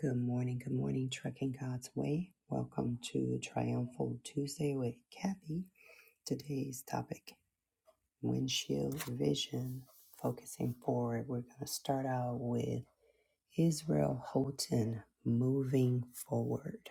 Good morning, good morning, Trucking God's Way. Welcome to Triumphal Tuesday with Kathy. Today's topic windshield vision, focusing forward. We're going to start out with Israel Houghton moving forward.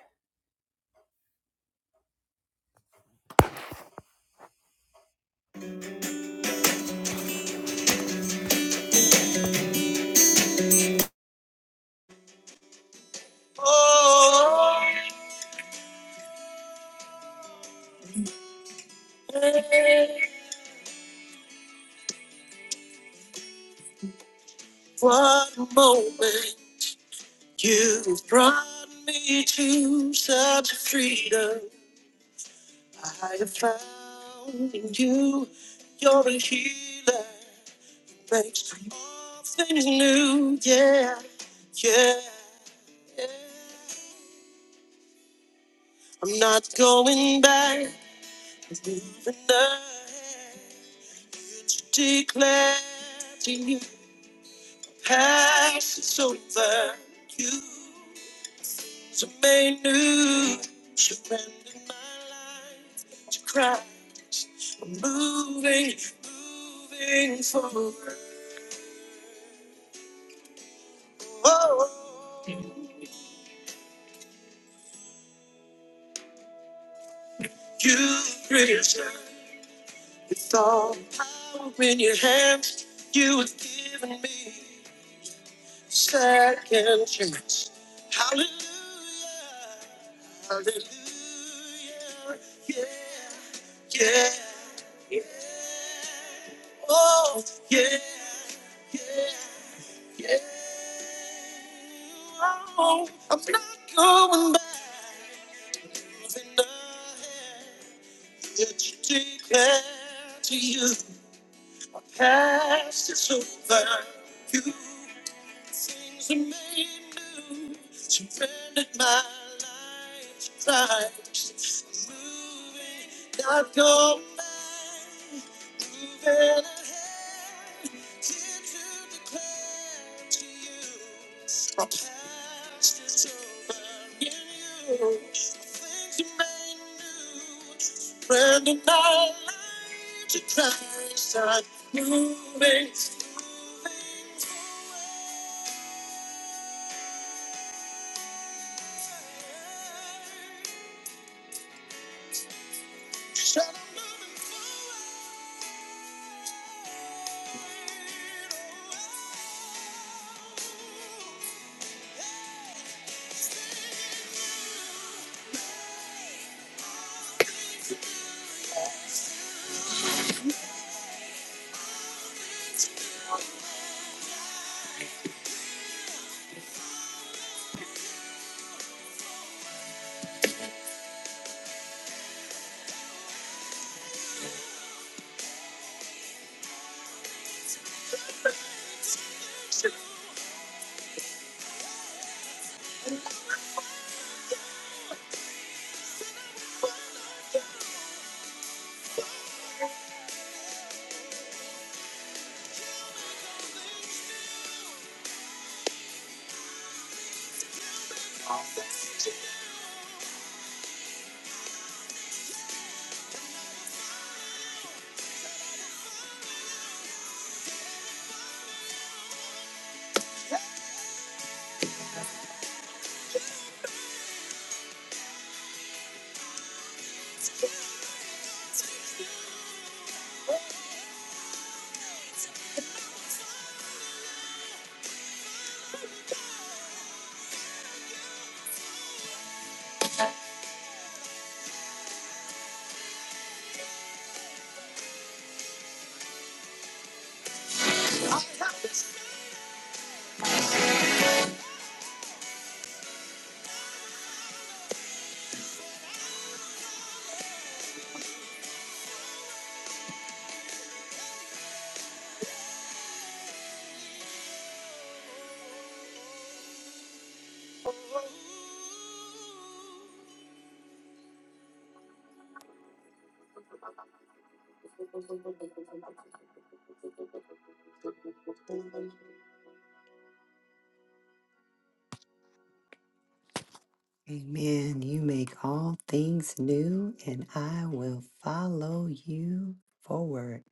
Amen. You make all things new, and I will follow you forward.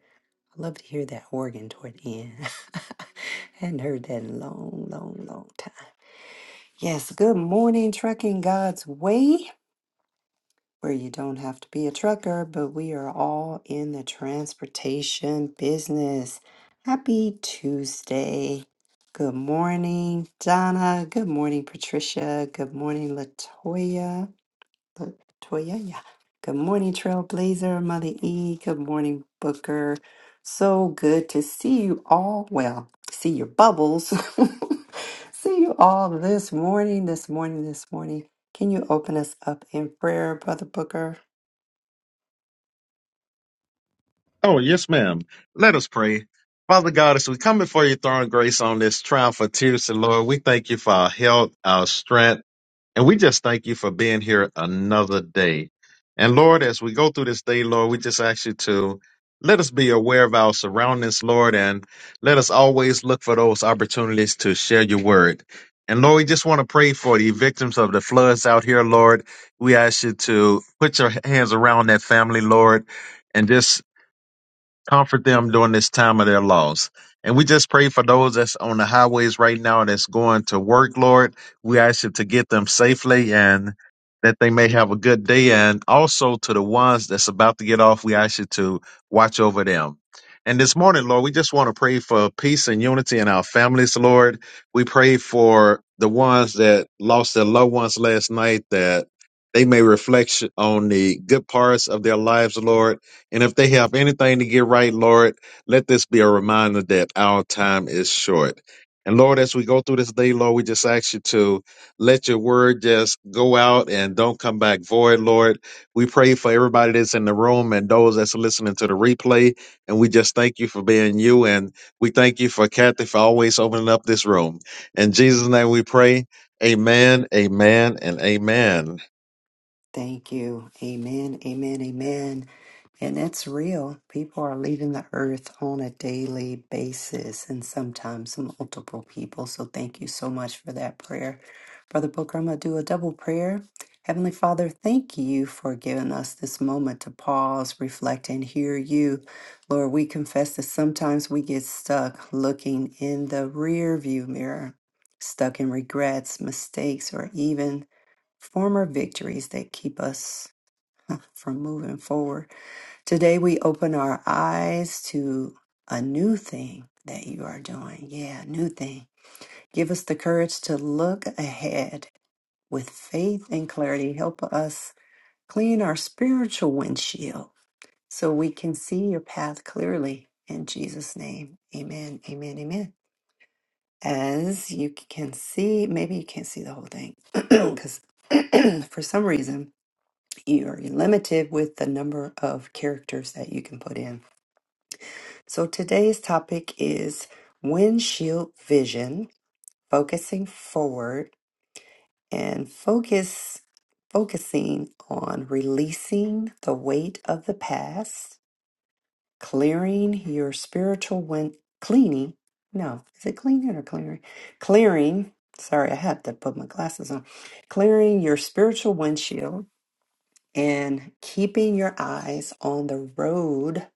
I love to hear that organ toward the end. Hadn't heard that in a long, long, long time. Yes, good morning, Trucking God's Way, where you don't have to be a trucker, but we are all in the transportation business. Happy Tuesday. Good morning, Donna. Good morning, Patricia. Good morning, Latoya. Look, Toya, yeah. Good morning, Trailblazer, Mother E. Good morning, Booker. So good to see you all. Well, see your bubbles. see you all this morning, this morning, this morning. Can you open us up in prayer, Brother Booker? Oh, yes, ma'am. Let us pray. Father God, as we come before your throne, of grace on this trial for Tuesday, Lord, we thank you for our health, our strength, and we just thank you for being here another day. And Lord, as we go through this day, Lord, we just ask you to let us be aware of our surroundings, Lord, and let us always look for those opportunities to share your word. And Lord, we just want to pray for the victims of the floods out here, Lord. We ask you to put your hands around that family, Lord and just comfort them during this time of their loss. And we just pray for those that's on the highways right now that's going to work, Lord. We ask you to get them safely and that they may have a good day. And also to the ones that's about to get off, we ask you to watch over them. And this morning, Lord, we just want to pray for peace and unity in our families, Lord. We pray for the ones that lost their loved ones last night that they may reflect on the good parts of their lives, Lord and if they have anything to get right, Lord, let this be a reminder that our time is short. And Lord, as we go through this day, Lord, we just ask you to let your word just go out and don't come back void, Lord. We pray for everybody that's in the room and those that's listening to the replay. And we just thank you for being you. And we thank you for Kathy for always opening up this room. In Jesus' name we pray. Amen, amen, and amen. Thank you. Amen. Amen. Amen. And it's real. People are leaving the earth on a daily basis and sometimes multiple people. So thank you so much for that prayer. Brother Booker, I'm going to do a double prayer. Heavenly Father, thank you for giving us this moment to pause, reflect, and hear you. Lord, we confess that sometimes we get stuck looking in the rear view mirror, stuck in regrets, mistakes, or even former victories that keep us from moving forward. Today, we open our eyes to a new thing that you are doing. Yeah, new thing. Give us the courage to look ahead with faith and clarity. Help us clean our spiritual windshield so we can see your path clearly. In Jesus' name, amen, amen, amen. As you can see, maybe you can't see the whole thing because for some reason, you're limited with the number of characters that you can put in. So today's topic is windshield vision, focusing forward and focus focusing on releasing the weight of the past, clearing your spiritual wind cleaning. No, is it cleaning or clearing? Clearing. Sorry, I had to put my glasses on. Clearing your spiritual windshield and keeping your eyes on the road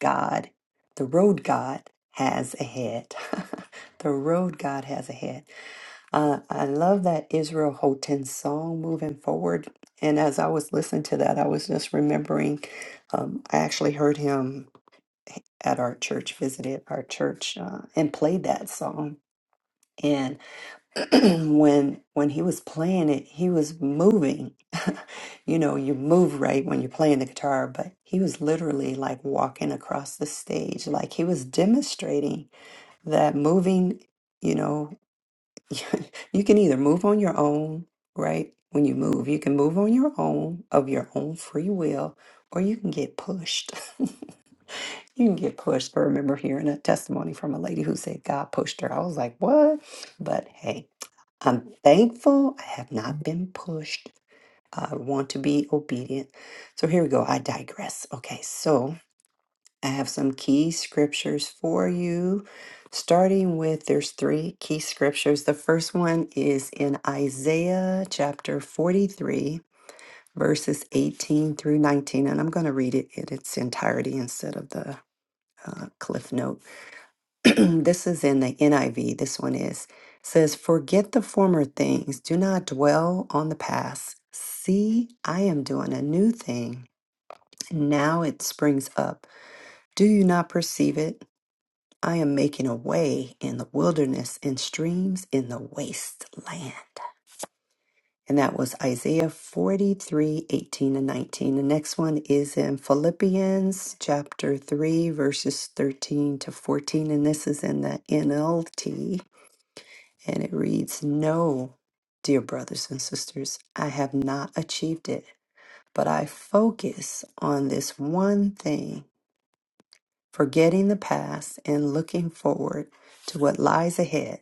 God, the road God has ahead. the road God has ahead. Uh, I love that Israel Houghton song, Moving Forward. And as I was listening to that, I was just remembering, um, I actually heard him at our church, visited our church, uh, and played that song. when when he was playing it, he was moving. you know, you move right when you're playing the guitar, but he was literally like walking across the stage, like he was demonstrating that moving. You know, you can either move on your own, right? When you move, you can move on your own of your own free will, or you can get pushed. you can get pushed. I remember hearing a testimony from a lady who said God pushed her. I was like, what? But hey. I'm thankful I have not been pushed. I want to be obedient. So here we go. I digress. Okay, so I have some key scriptures for you. Starting with there's three key scriptures. The first one is in Isaiah chapter 43, verses 18 through 19, and I'm going to read it in its entirety instead of the uh, cliff notes. this is in the NIV. This one is says, "Forget the former things. Do not dwell on the past. See, I am doing a new thing. Now it springs up. Do you not perceive it? I am making a way in the wilderness and streams in the wasteland." And that was Isaiah 43 18 and 19. The next one is in Philippians chapter 3, verses 13 to 14. And this is in the NLT. And it reads No, dear brothers and sisters, I have not achieved it, but I focus on this one thing, forgetting the past and looking forward to what lies ahead.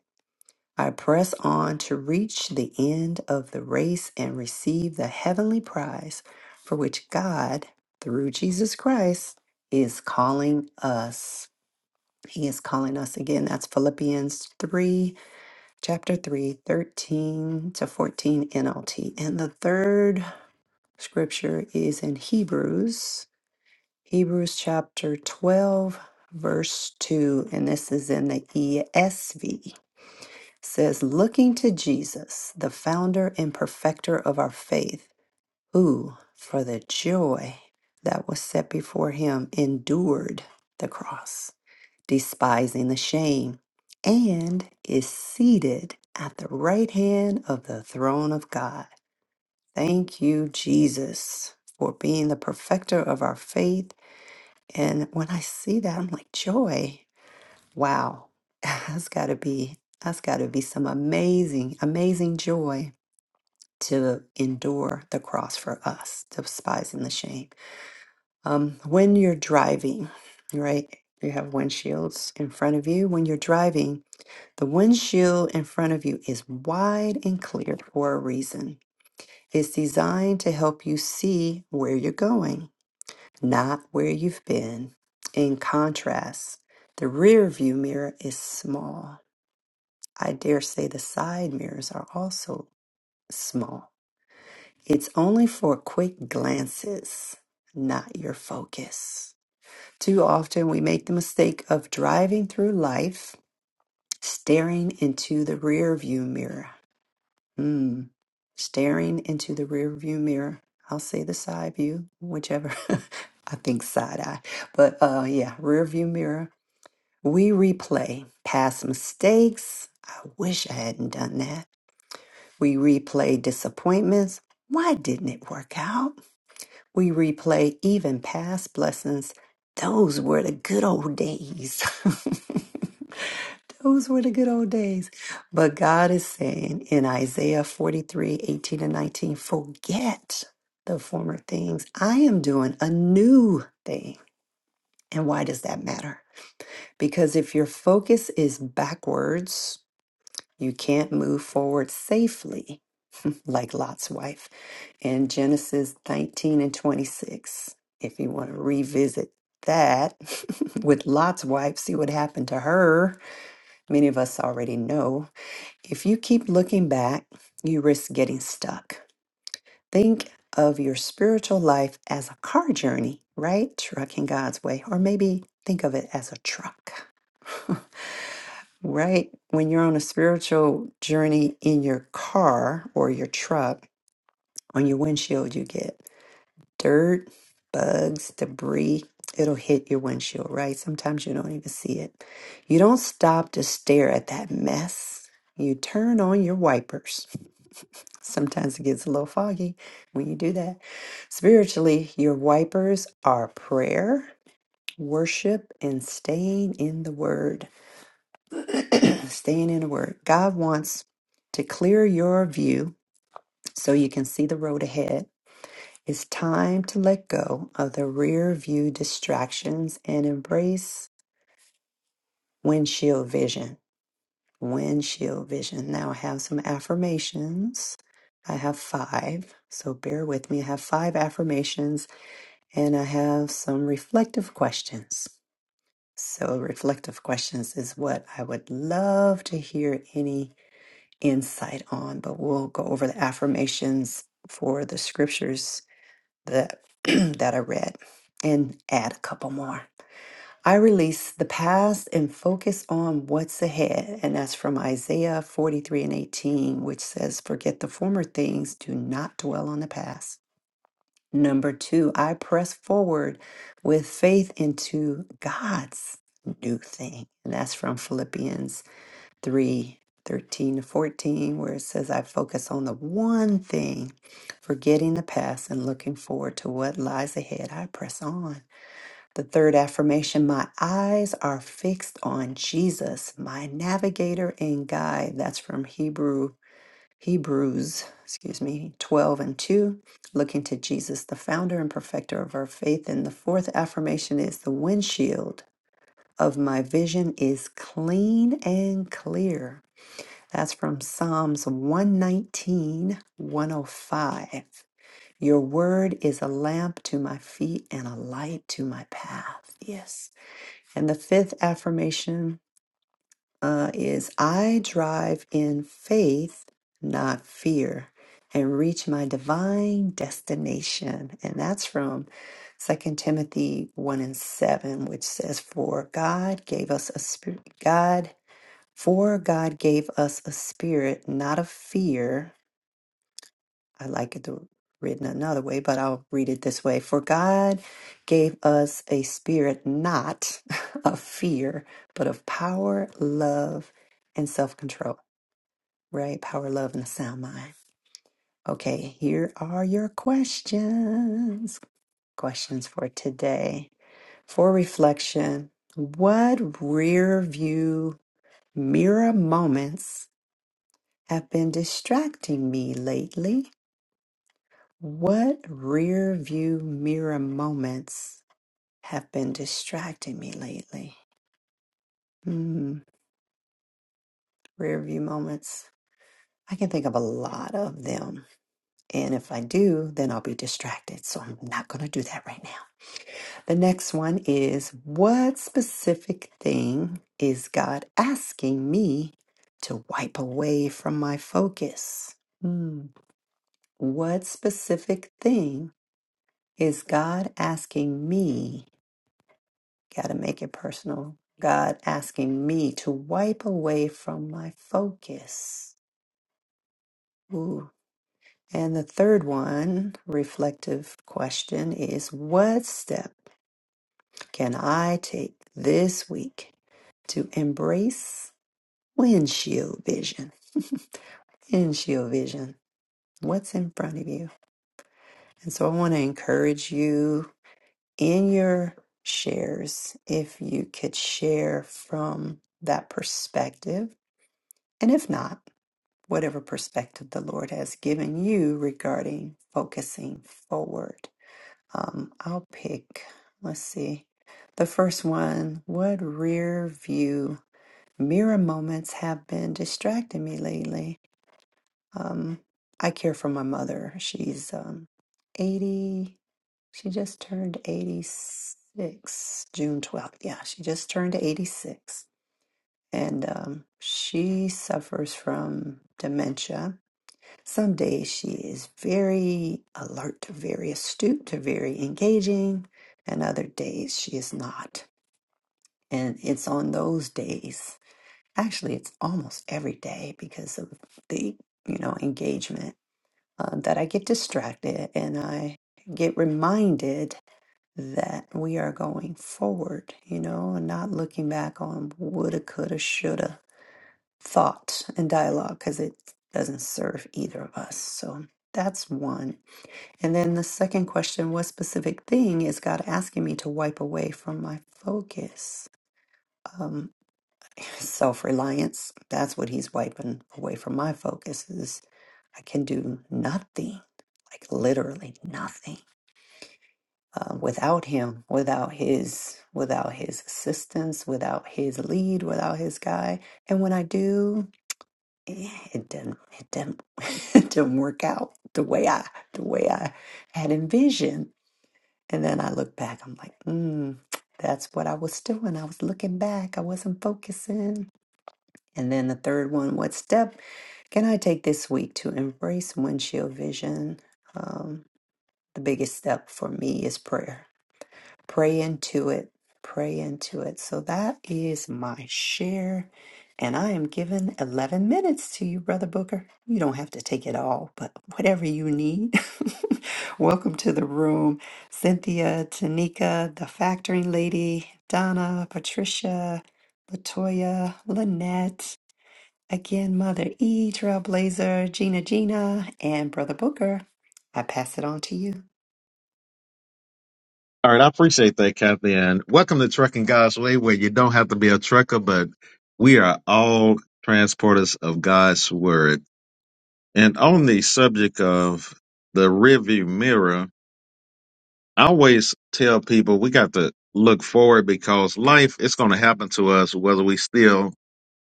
I press on to reach the end of the race and receive the heavenly prize for which God, through Jesus Christ, is calling us. He is calling us again. That's Philippians 3 chapter 3, 13 to 14 NLT. And the third scripture is in Hebrews, Hebrews chapter 12, verse 2, and this is in the ESV. Says, looking to Jesus, the founder and perfecter of our faith, who, for the joy that was set before him, endured the cross despising the shame, and is seated at the right hand of the throne of God. Thank you, Jesus, for being the perfecter of our faith. And when I see that, I'm like, joy. Wow. That's gotta be that's gotta be some amazing, amazing joy to endure the cross for us, despising the shame. Um, when you're driving, right? You have windshields in front of you. When you're driving, The windshield in front of you is wide and clear for a reason. It's designed to help you see where you're going, not where you've been. In contrast, the rear view mirror is small. I dare say the side mirrors are also small. It's only for quick glances, not your focus. Too often, we make the mistake of driving through life staring into the rear view mirror Mm. Staring into the rearview mirror. I'll say the side view, whichever. I think side eye. But uh yeah, rearview mirror. We replay past mistakes. I wish I hadn't done that. We replay disappointments. Why didn't it work out? We replay even past blessings. Those were the good old days. Those were the good old days. But God is saying in Isaiah 43 18 and 19, forget the former things. I am doing a new thing. And why does that matter? Because if your focus is backwards, you can't move forward safely like Lot's wife, in Genesis 19 and 26. If you want to revisit that with Lot's wife, see what happened to her. Many of us already know. If you keep looking back, you risk getting stuck. Think of your spiritual life as a car journey, right? Trucking God's way. Or maybe think of it as a truck. right? When you're on a spiritual journey in your car or your truck, on your windshield, you get. dirt, bugs, debris. It'll hit your windshield, right? Sometimes you don't even see it. You don't stop to stare at that mess. You turn on your wipers. Sometimes it gets a little foggy when you do that. Spiritually, your wipers are prayer, worship, and staying in the Word. staying in the Word. God wants to clear your view so you can see the road ahead It's time to let go of the rear view distractions and embrace windshield vision. Windshield vision. Now I have some affirmations. I have five, so bear with me. I have five affirmations and I have some reflective questions. So, reflective questions is what I would love to hear any insight on, but we'll go over the affirmations for the scriptures that that I read and add a couple more. I release the past and focus on what's ahead. And that's from Isaiah 43 and 18, which says, Forget the former things, do not dwell on the past. Number two, I press forward with faith into God's new thing. And that's from Philippians 3 thirteen to 14, where it says, I focus on the one thing, forgetting the past and looking forward to what lies ahead. I press on. The third affirmation, my eyes are fixed on Jesus, my navigator and guide. That's from Hebrew. Hebrews, excuse me, 12 and 2, looking to Jesus, the founder and perfecter of our faith. And the fourth affirmation is the windshield of my vision is clean and clear that's from Psalms one nineteen one o five. Your word is a lamp to my feet and a light to my path. Yes. And the fifth affirmation uh, is I drive in faith, not fear, and reach my divine destination. And that's from Second Timothy 1 and 7, which says, For God gave us a spirit, God for God gave us a spirit not of fear. I like it to, written another way, but I'll read it this way. For God gave us a spirit not of fear, but of power, love, and self control, right? Power, love, and a sound mind. Okay, here are your questions. Questions for today. For reflection, what rear view mirror moments have been distracting me lately? What rear view mirror moments have been distracting me lately? Hmm, rear view moments. I can think of a lot of them. And if I do, then I'll be distracted. So I'm not going to do that right now. The next one is what specific thing is God asking me to wipe away from my focus? Hmm. What specific thing Is God asking me, got to make it personal, God asking me to wipe away from my focus? Ooh. And the third one, reflective question, is what step can I take this week to embrace windshield vision? windshield vision. What's in front of you? And so I want to encourage you. in your shares if you could share from that perspective, and if not, whatever perspective the Lord has given you regarding focusing forward. Um, I'll pick, let's see, the first one. What rear view mirror moments have been distracting me lately? Um, I care for my mother. She's um, 80. She just turned 86, June 12th. Yeah, she just turned 86. And um, she suffers from dementia. Some days she is very alert, very astute, very engaging, and other days she is not. And it's on those days, actually, it's almost every day because of the, you know, engagement uh, that I get distracted and I get reminded that we are going forward, you know, and not looking back on woulda, coulda, shoulda thought and dialogue because it doesn't serve either of us. So that's one. And then the second question what specific thing is God asking me to wipe away from my focus? Um, self-reliance that's what he's wiping away from my focus is i can do nothing like literally nothing uh, without him without his without his assistance without his lead without his guy and when i do eh, it didn't it didn't it didn't work out the way i the way i had envisioned and then i look back i'm like mm, that's what i was doing i was looking back i wasn't focusing and then the third one, what step? Can I take this week to embrace windshield vision? Um, the biggest step for me is prayer. Pray into it. Pray into it. So that is my share. And I am giving 11 minutes to you, Brother Booker. You don't have to take it all, but whatever you need. Welcome to the room. Cynthia, Tanika, the factoring lady, Donna, Patricia, Latoya, Lynette. Again, Mother E, Trailblazer, Gina Gina, and Brother Booker. I pass it on to you. All right, I appreciate that, Kathy, and welcome to Trucking God's Way, where you don't have to be a trucker, but we are all transporters of God's Word. And on the subject of the rearview mirror, I always tell people we got to look forward because life is going to happen to us whether we still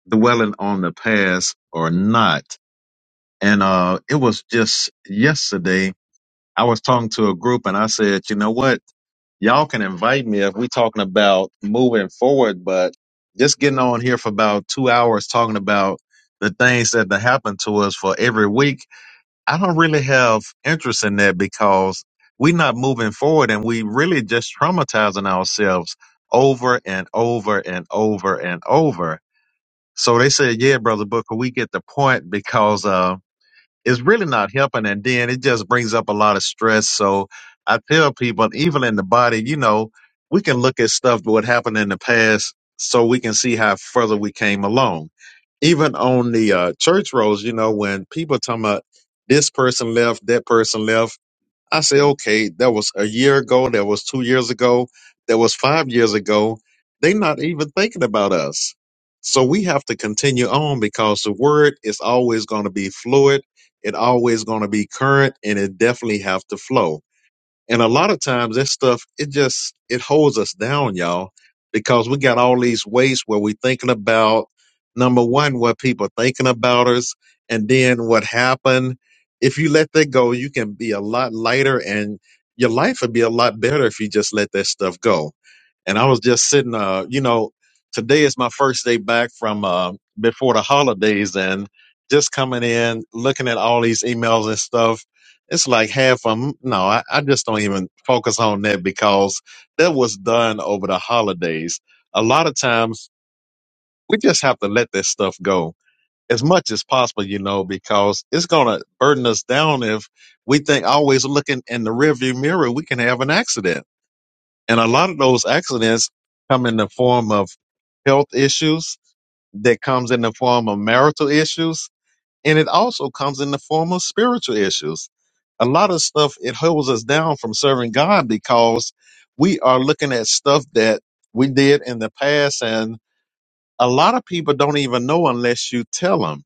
dwelling on the past or not. And uh, it was just yesterday I was talking to a group, and I said, you know what? Y'all can invite me if we talking about moving forward, but just getting on here for about two hours talking about the things that that happen to us for every week. I don't really have interest in that because we're not moving forward and we really just traumatizing ourselves over and over and over and over. So they said, yeah, brother Booker, we get the point because, uh it's really not helping. And then it just brings up a lot of stress. So I tell people, even in the body, you know, we can look at stuff what happened in the past so we can see how further we came along. Even on the uh, church roles, you know, when people talking about this person left, that person left I say, okay, that was a year ago, that was two years ago, that was five years ago. They're not even thinking about us. So we have to continue on because the word is always going to be fluid. It always going to be current and it definitely have to flow. And a lot of times that stuff, it just, it holds us down, y'all, because we got all these ways where we thinking about number one, what people thinking about us and then what happened. If you let that go, you can be a lot lighter and your life would be a lot better if you just let that stuff go. And I was just sitting, uh, you know, today is my first day back from, uh, before the holidays and just coming in, looking at all these emails and stuff it's like half of them. No, I, I just don't even focus on that because that was done over the holidays. A lot of times we just have to let that stuff go as much as possible, you know, because it's going to burden us down if we think always looking in the rearview mirror, we can have an accident. And a lot of those accidents come in the form of health issues that comes in the form of marital issues and it also comes in the form of spiritual issues. A lot of stuff, it holds us down from serving God because we are looking at stuff that we did in the past. And a lot of people don't even know unless you tell them.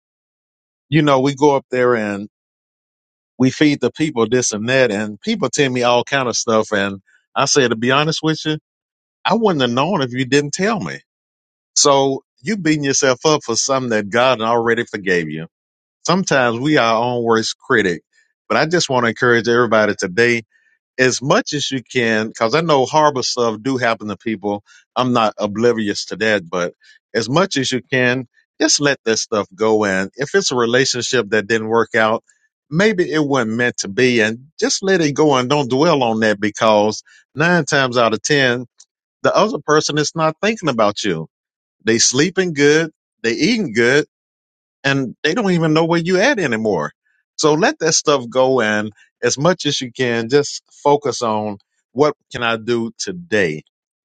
You know, we go up there and we feed the people this and that, and people tell me all kind of stuff. And I say, to be honest with you, I wouldn't have known if you didn't tell me. So you beating yourself up for something that God already forgave you. sometimes we are our own worst critic. But I just want to encourage everybody today, as much as you can, because I know horrible stuff do happen to people. I'm not oblivious to that, but as much as you can, just let that stuff go. And if it's a relationship that didn't work out, maybe it wasn't meant to be, and just let it go and don't dwell on that because nine times out of ten, the other person is not thinking about you. They sleeping good, they eating good and they don't even know where you at anymore. So let that stuff go and as much as you can, just focus on what can I do today?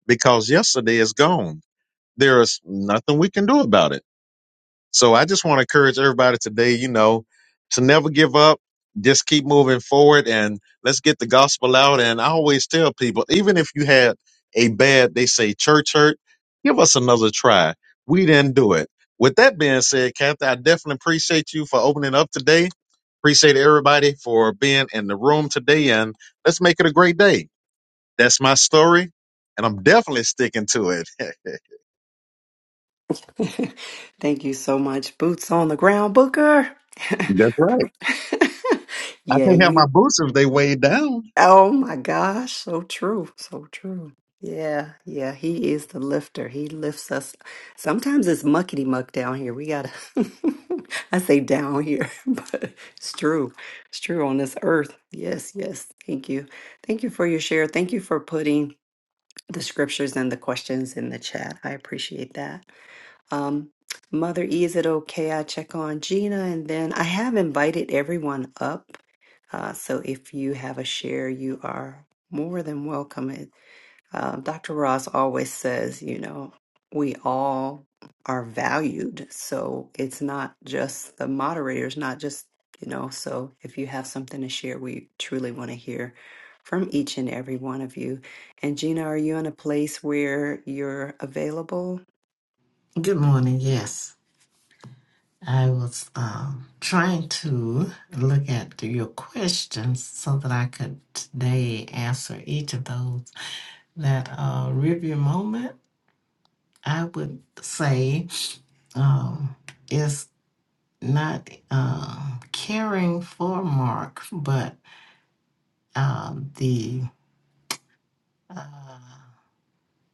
Because yesterday is gone. There is nothing we can do about it so I just want to encourage everybody today, you know, to never give up. Just keep moving forward and let's get the gospel out. And I always tell people, even if you had a bad, they say church hurt, give us another try. We didn't do it. With that being said, Kathy, I definitely appreciate you for opening up today. Appreciate everybody for being in the room today. And let's make it a great day. That's my story. And I'm definitely sticking to it. Thank you so much. Boots on the ground, Booker. That's right. I yeah, can't have you. my boots if they weighed down. Oh my gosh, so true, so true. Yeah, yeah, he is the lifter. He lifts us. Sometimes it's muckety muck down here. We gotta, I say down here, but it's true. It's true on this earth. Yes, yes. Thank you. Thank you for your share. Thank you for putting the scriptures and the questions in the chat. I appreciate that. Um, Mother E, is it okay? I check on Gina and then I have invited everyone up. Uh, so if you have a share, you are more than welcome. It- Uh, Dr. Ross always says, you know, we all are valued. So it's not just the moderators, not just, you know, so if you have something to share, we truly want to hear from each and every one of you. And Gina, are you in a place where you're available? Good morning. Yes, I was um, trying to look at your questions so that I could today answer each of those. That uh, review moment, I would say, um, is not um caring for Mark, but um, the uh,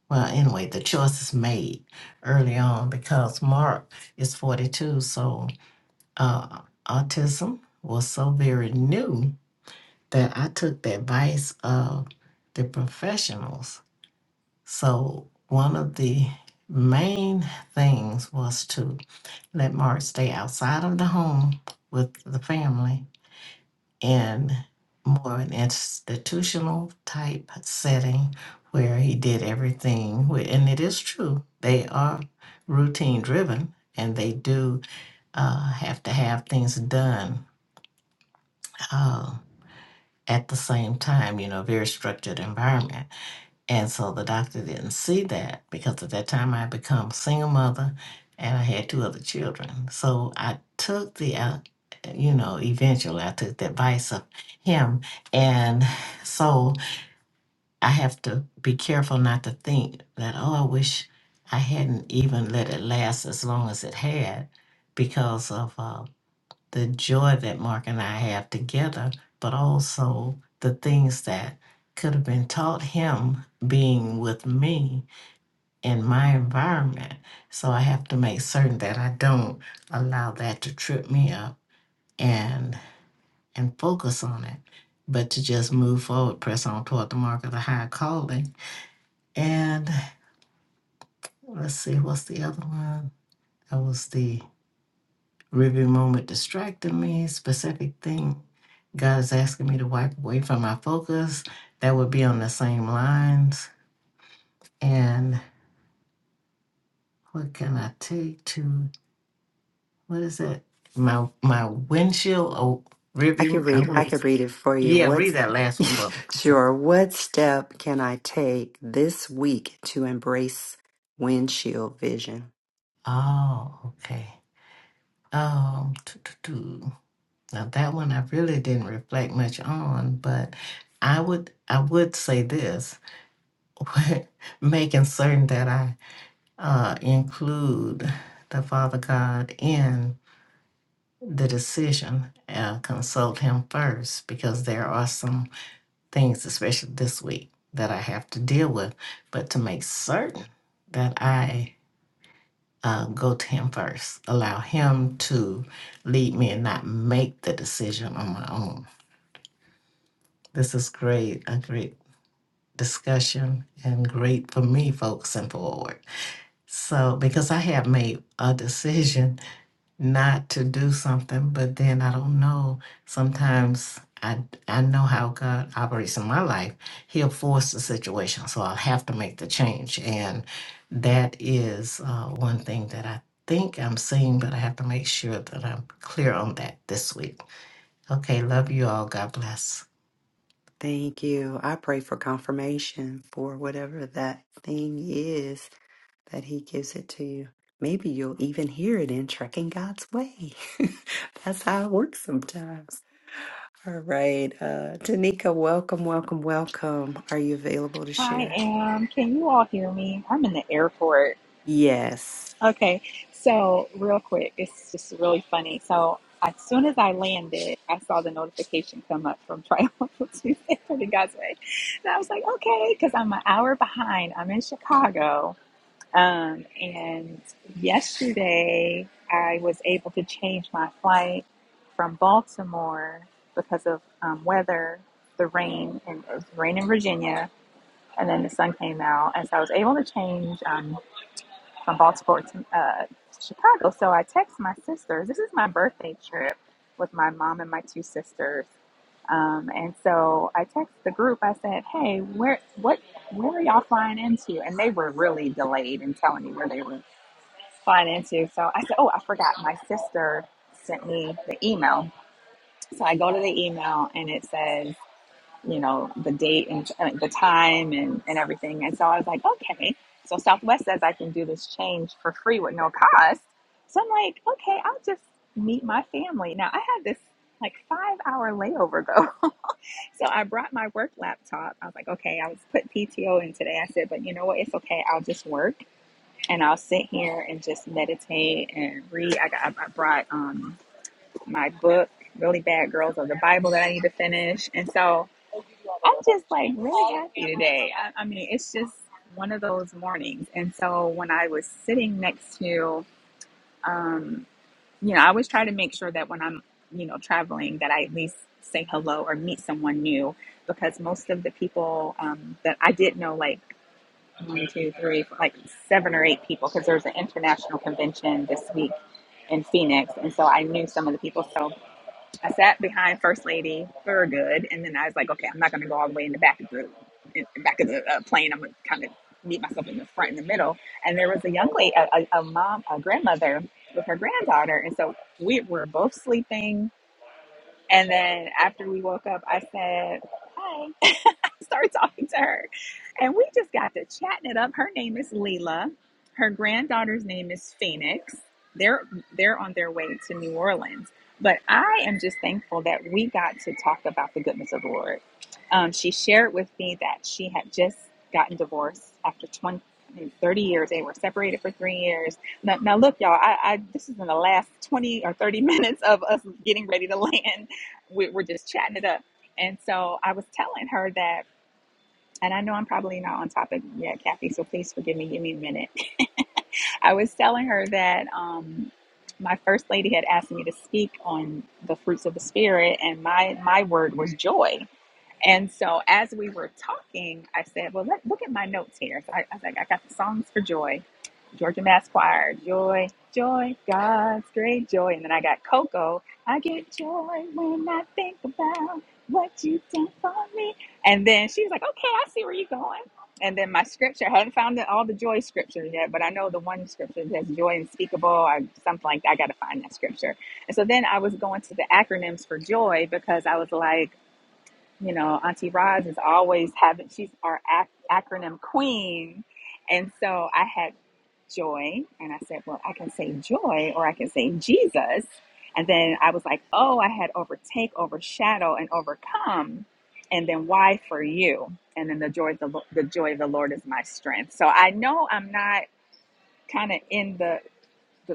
well, anyway, the choice is made early on because Mark is 42, so uh, autism was so very new that I took the advice of the professionals. So, one of the main things was to let Mark stay outside of the home with the family in more an institutional type setting where he did everything. with- And it is true, they are routine driven and they do uh, have to have things done uh, at the same time, you know, very structured environment. And so the doctor didn't see that because at that time I had become single mother and I had two other children. So I took the, uh, you know, eventually I took the advice of him. And so I have to be careful not to think that, oh, I wish I hadn't even let it last as long as it had because of. uh, the joy that Mark and I have together, but also the things that could have been taught him being with me in my environment. So I have to make certain that I don't allow that to trip me up and and focus on it, but to just move forward, press on toward the mark of the high calling. And let's see, what's the other one? That was the Review moment distracting me, specific thing God is asking me to wipe away from my focus. That would be on the same lines. And what can I take to what is that? My my windshield oh I could review. I read I want- could read it for you. yeah, What's read that last one for me. sure, what step can I take this week to embrace windshield vision? Oh, okay. Um, tu- tu- tu. now that one I really didn't reflect much on, but I would I would say this, making certain that I uh, include the Father God in the decision. Uh, consult Him first because there are some things, especially this week, that I have to deal with. But to make certain that I uh, go to Him first, allow Him to lead me and not make the decision on my own. This is great, a great discussion and great for me focusing forward. So, because I have made a decision not to do something, but then I don't know. Sometimes I I know how God operates in my life. He'll force the situation, so I'll have to make the change, and that is uh, one thing that I think I'm seeing, but I have to make sure that I'm clear on that this week. Okay, love you all. God bless. Thank you. I pray for confirmation for whatever that thing is that he gives it to you. Maybe you'll even hear it in Trekking God's Way. That's how it works sometimes. All right. Uh Tanika, welcome, welcome, welcome. Are you available to I share? am. Can you all hear me? I'm in the airport. Yes. Okay, so real quick, it's just really funny. So as soon as I landed, I saw the notification come up from Triumphal Tuesday for the God's Way, and I was like, okay, because I'm an hour behind. I'm in Chicago, um, and yesterday I was able to change my flight from Baltimore because of um, weather, the rain, and it was rain in Virginia and then the sun came out, and so I was able to change um, from Baltimore to uh, Chicago. So I text my sisters. This is my birthday trip with my mom and my two sisters, um, and so I text the group. I said, "Hey, where what where are y'all flying into?" And they were really delayed in telling me where they were flying into. So I said, "Oh, I forgot. My sister sent me the email." So I go to the email, and it says you know, the date and uh, the time and, and everything. And so I was like, okay. So Southwest says I can do this change for free with no cost. So I'm like, okay, I'll just meet my family. Now I had this like five hour layover though. so I brought my work laptop. I was like, okay, I was put PTO in today. I said, but you know what? It's okay. I'll just work and I'll sit here and just meditate and read. I got, I brought um, my book, Really Bad Girls of the Bible that I need to finish. And so I'm just like really happy today. I, I mean, it's just one of those mornings. And so when I was sitting next to, um, you know, I always try to make sure that when I'm, you know, traveling, that I at least say hello or meet someone new because most of the people um, that I did know, like one, two, three, like seven or eight people, because there's an international convention this week in Phoenix. And so I knew some of the people. So I sat behind First Lady for good, and then I was like, okay, I'm not going to go all the way in the back of the in the back of the uh, plane. I'm going to kind of meet myself in the front, in the middle. And there was a young lady, a, a, a mom, a grandmother with her granddaughter, and so we were both sleeping. And then after we woke up, I said, "Hi," Start talking to her. And we just got to chatting it up. Her name is Leela. Her granddaughter's name is Phoenix. They're they're on their way to New Orleans. But I am just thankful that we got to talk about the goodness of the Lord. Um, she shared with me that she had just gotten divorced after 20, I mean, 30 years. They were separated for three years. Now, now look, y'all, I, I, this is in the last 20 or 30 minutes of us getting ready to land. We, we're just chatting it up. And so I was telling her that and I know I'm probably not on topic yet, Kathy, so please forgive me. Give me a minute. I was telling her that um, my first lady had asked me to speak on the fruits of the spirit, and my my word was joy. And so as we were talking, I said, Well, let, look at my notes here. So I, I was like, I got the songs for joy, Georgia Mass Choir, joy, joy, God's great joy. And then I got Coco, I get joy when I think about what you've done for me. And then she was like, Okay, I see where you're going. And then my scripture, I haven't found the- all the joy scriptures yet, but I know the one scripture that's joy unspeakable or something like that. I got to find that scripture. And so then I was going to the acronyms for joy because I was like, you know, Auntie Roz is always having, she's our ac- acronym queen. And so I had joy, and I said, well, I can say joy or I can say Jesus. And then I was like, oh, I had overtake, overshadow, and overcome. And then why for you? And then the joy of the, Lo- the joy of the Lord is my strength. So I know I'm not kind of in the, the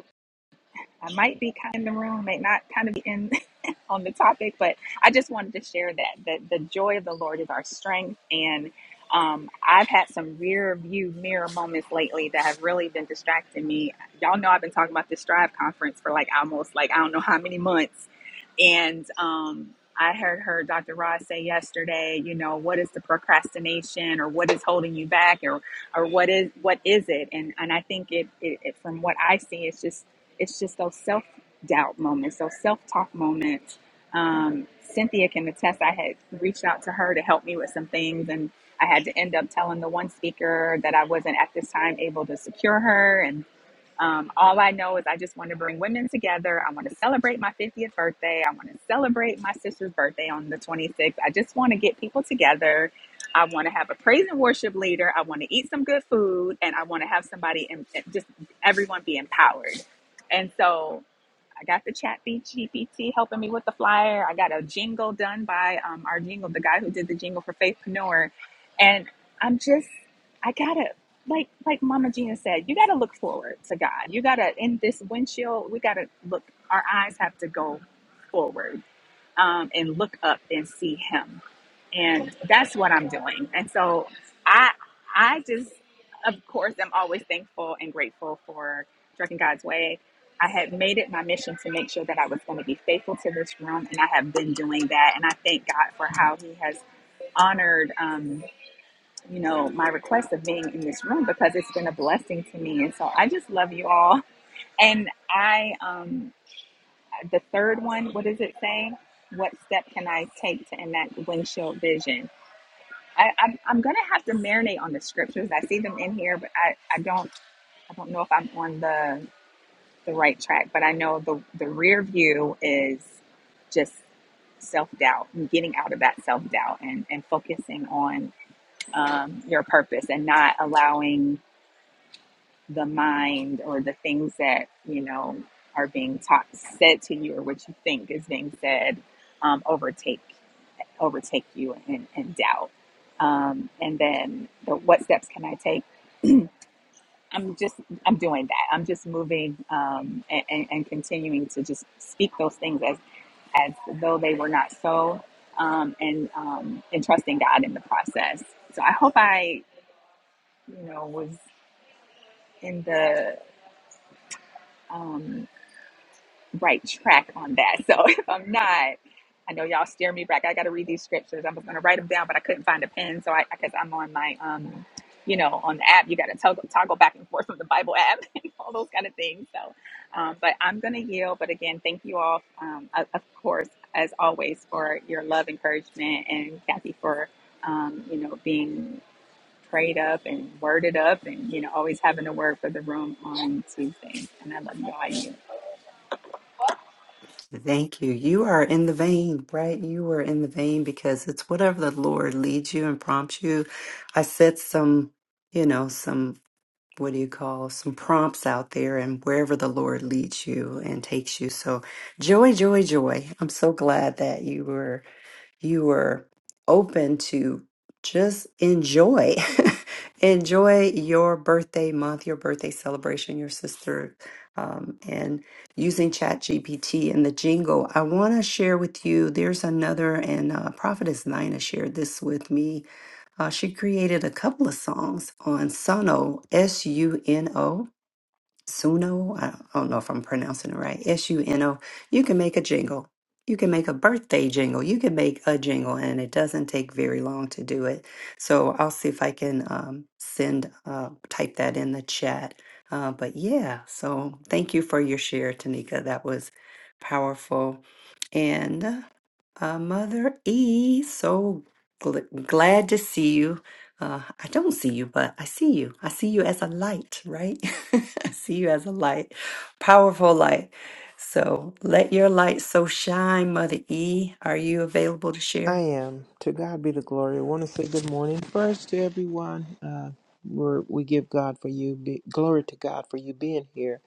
I might be kind of in the room, may not kind of be in on the topic, but I just wanted to share that that the joy of the Lord is our strength. And um, I've had some rear view mirror moments lately that have really been distracting me. Y'all know I've been talking about this Strive conference for like almost like I don't know how many months, and um, I heard her Dr. Ross say yesterday, you know, what is the procrastination or what is holding you back or or what is what is it? And and I think it, it, it from what I see, it's just it's just those self doubt moments, those self talk moments. Um, Cynthia can attest, I had reached out to her to help me with some things, and I had to end up telling the one speaker that I wasn't at this time able to secure her. and. Um, all I know is I just want to bring women together. I want to celebrate my 50th birthday. I want to celebrate my sister's birthday on the 26th. I just want to get people together. I want to have a praise and worship leader. I want to eat some good food and I want to have somebody and just everyone be empowered. And so I got the chat GPT helping me with the flyer. I got a jingle done by um, our jingle, the guy who did the jingle for Faithpreneur. And I'm just, I gotta, like, like Mama Gina said, you gotta look forward to God. You gotta, in this windshield, we gotta look, our eyes have to go forward um, and look up and see him and that's what i'm doing and so i i just of course i'm always thankful and grateful for trucking god's way i had made it my mission to make sure that i was going to be faithful to this room and i have been doing that and i thank god for how he has honored um, you know my request of being in this room because it's been a blessing to me and so i just love you all and i um the third one, what is it saying? What step can I take to enact windshield vision? I, I'm, I'm gonna have to marinate on the scriptures. I see them in here, but I, I don't I don't know if I'm on the the right track. But I know the the rear view is just self doubt and getting out of that self doubt and and focusing on um, your purpose and not allowing the mind or the things that you know are being taught said to you or what you think is being said um, overtake overtake you and, and doubt um, and then the what steps can i take i'm just i'm doing that i'm just moving um, and, and, and continuing to just speak those things as as though they were not so um, and um, and trusting god in the process so i hope i you know was in the um, right track on that. So if I'm not, I know y'all steer me back. I got to read these scriptures. I was going to write them down, but I couldn't find a pen. So I, because I'm on my, um, you know, on the app, you got to toggle, toggle back and forth from the Bible app and all those kind of things. So, um, but I'm going to yield. But again, thank you all, um, of of course, as always, for your love, encouragement, and Kathy for, um, you know, being prayed up and worded up and, you know, always having a word for the room on Tuesdays. And I love y'all. Thank you. You are in the vein, right? You are in the vein because it's whatever the Lord leads you and prompts you. I set some, you know, some, what do you call, some prompts out there and wherever the Lord leads you and takes you. So joy, joy, joy. I'm so glad that you were you were open to just enjoy enjoy your birthday month your birthday celebration your sister um, and using chat gpt and the jingle i want to share with you there's another and uh, prophetess nina shared this with me uh, she created a couple of songs on suno s-u-n-o Suno. I don't know if I'm pronouncing it right. S U N O. You can make a jingle. You can make a birthday jingle. You can make a jingle, and it doesn't take very long to do it. So I'll see if I can um, send, uh, type that in the chat. Uh, but yeah, so thank you for your share, Tanika. That was powerful. And uh, Mother E, so gl- glad to see you. Uh, I don't see you, but I see you. I see you as a light, right? I see you as a light, powerful light. So let your light so shine, Mother E. Are you available to I share? am. To God be the glory. I want to say good morning first to everyone. Uh, we're, we give God for you. Be, glory to God for you being here.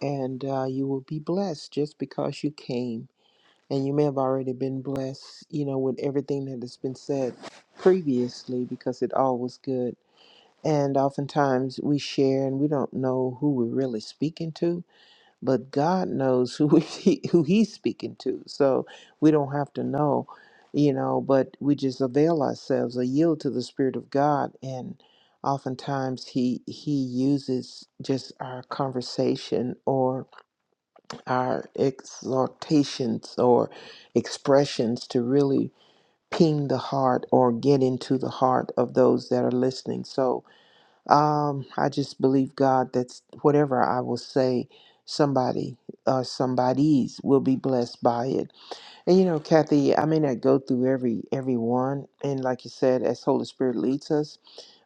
And uh, you will be blessed just because you came. And you may have already been blessed, you know, with everything that has been said previously because it all was good. And oftentimes we share and we don't know who we're really speaking to but God knows who he, who He's speaking to. So we don't have to know, you know. But we just avail ourselves, or yield to the Spirit of God, and oftentimes He He uses just our conversation or our exhortations or expressions to really ping the heart or get into the heart of those that are listening. So um, I just believe God that's whatever I will say, somebody uh somebody's will be blessed by it. And you know, Kathy, I may not go through every every one, and like you said, as Holy Spirit leads us,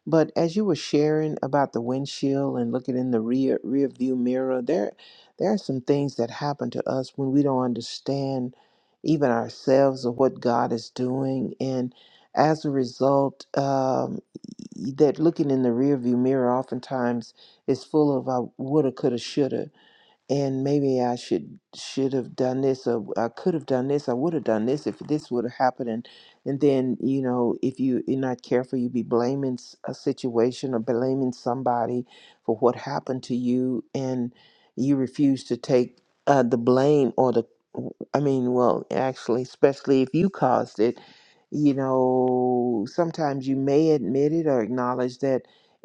but as you were sharing about the windshield and looking in the rear rear view mirror, there there are some things that happen to us when we don't understand even ourselves or what God is doing, and as a result, um, y- that looking in the rear view mirror oftentimes is full of I woulda, coulda, shoulda and maybe I should should have done this or I could have done this I would have done this if this would have happened and and then you know if you, you're not careful you be blaming s- a situation or blaming somebody for what happened to you and you refuse to take uh, the blame or the I mean well actually especially if you caused it you know sometimes you may admit it or acknowledge that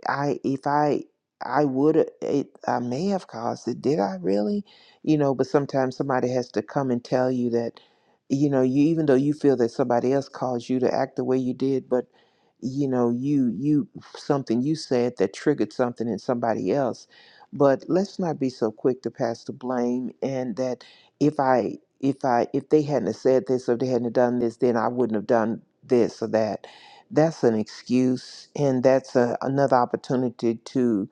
I if I I would it I may have caused it. Did I really? You know, but sometimes somebody has to come and tell you that, you know, you even though you feel that somebody else caused you to act the way you did, but you know, you you something you said that triggered something in somebody else. But let's not be so quick to pass the blame and that if I if I if they hadn't have said this or they hadn't have done this, then I wouldn't have done this or that. That's an excuse and that's a, another opportunity to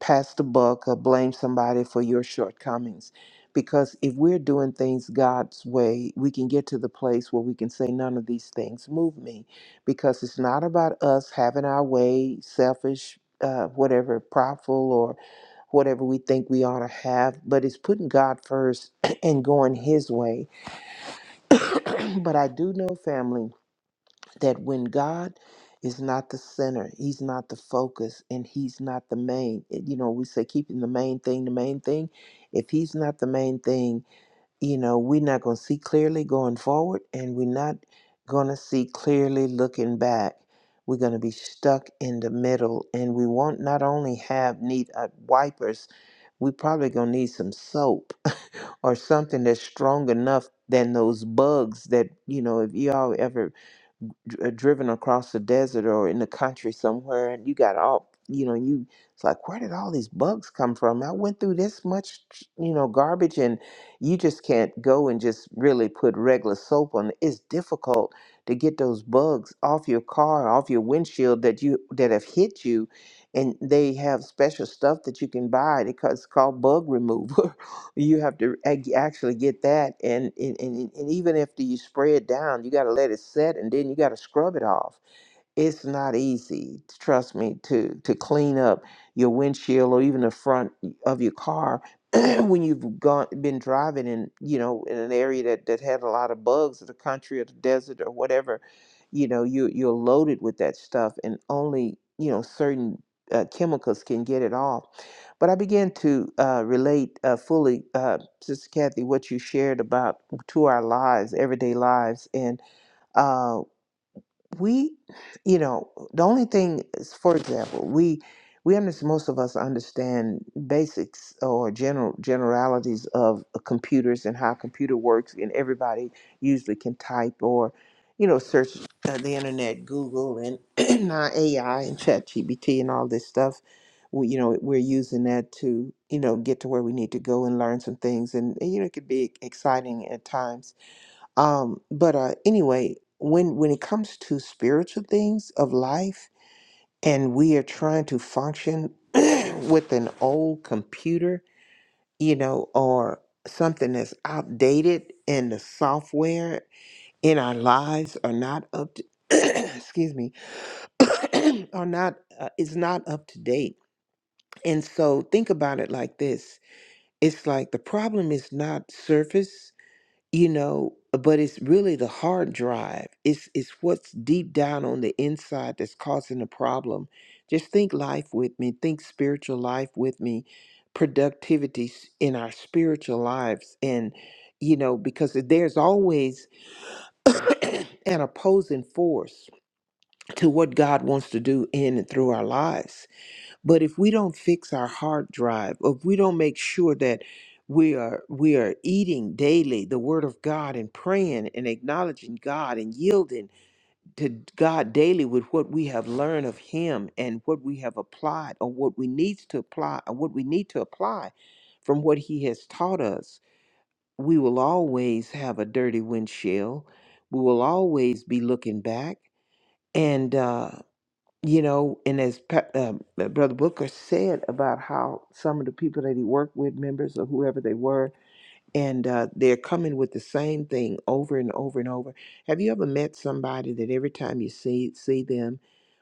pass the buck or blame somebody for your shortcomings. Because if we're doing things God's way, we can get to the place where we can say, None of these things move me. Because it's not about us having our way, selfish, uh, whatever, prideful, or whatever we think we ought to have, but it's putting God first and going His way. but I do know, family that when God is not the center, He's not the focus, and He's not the main, eh, you know, we say keeping the main thing the main thing. If He's not the main thing, you know, we're not going to see clearly going forward, and we're not going to see clearly looking back. We're going to be stuck in the middle, and we won't not only have need uh, wipers, we probably going to need some soap or something that's strong enough than those bugs that, you know, if y'all ever dr- uh, driven across the desert or in the country somewhere and you got all you know you it's like where did all these bugs come from i went through this much you know garbage and you just can't go and just really put regular soap on it. it's difficult to get those bugs off your car off your windshield that you that have hit you and they have special stuff that you can buy because it's called bug remover you have to ac- actually get that and and, and and even after you spray it down you got to let it set and then you got to scrub it off it's not easy trust me to to clean up your windshield or even the front of your car when you've gone been driving in you know in an area that that had a lot of bugs or the country or the desert or whatever you know you you're loaded with that stuff and only you know certain uh, chemicals can get it off but i began to uh, relate uh, fully uh, sister kathy what you shared about to our lives everyday lives and uh, we you know the only thing is for example we we understand most of us understand basics or general generalities of uh, computers and how a computer works and everybody usually can type or you know search uh, the internet google and now ai and ChatGPT and all this stuff we, you know we're using that to you know get to where we need to go and learn some things and, and you know it could be exciting at times um, but uh, anyway, when when it comes to spiritual things of life, and we are trying to function with an old computer, you know, or something that's outdated, and the software in our lives are not up to, excuse me, are not uh, is not up to date. And so think about it like this: it's like the problem is not surface; you know but it's really the hard drive it's it's what's deep down on the inside that's causing the problem just think life with me think spiritual life with me productivity s- in our spiritual lives and you know because there's always an opposing force to what god wants to do in and through our lives but if we don't fix our hard drive, if we don't make sure that we are we are eating daily the word of God and praying and acknowledging God and yielding to God daily with what we have learned of him and what we have applied or what we needs to apply or what we need to apply from what he has taught us, we will always have a dirty windshield. We will always be looking back and uh you know, and as Pa- um, uh, Brother Booker said about how some of the people that he worked with, members or whoever they were, and uh, they're coming with the same thing over and over and over. Have you ever met somebody that every time you see see them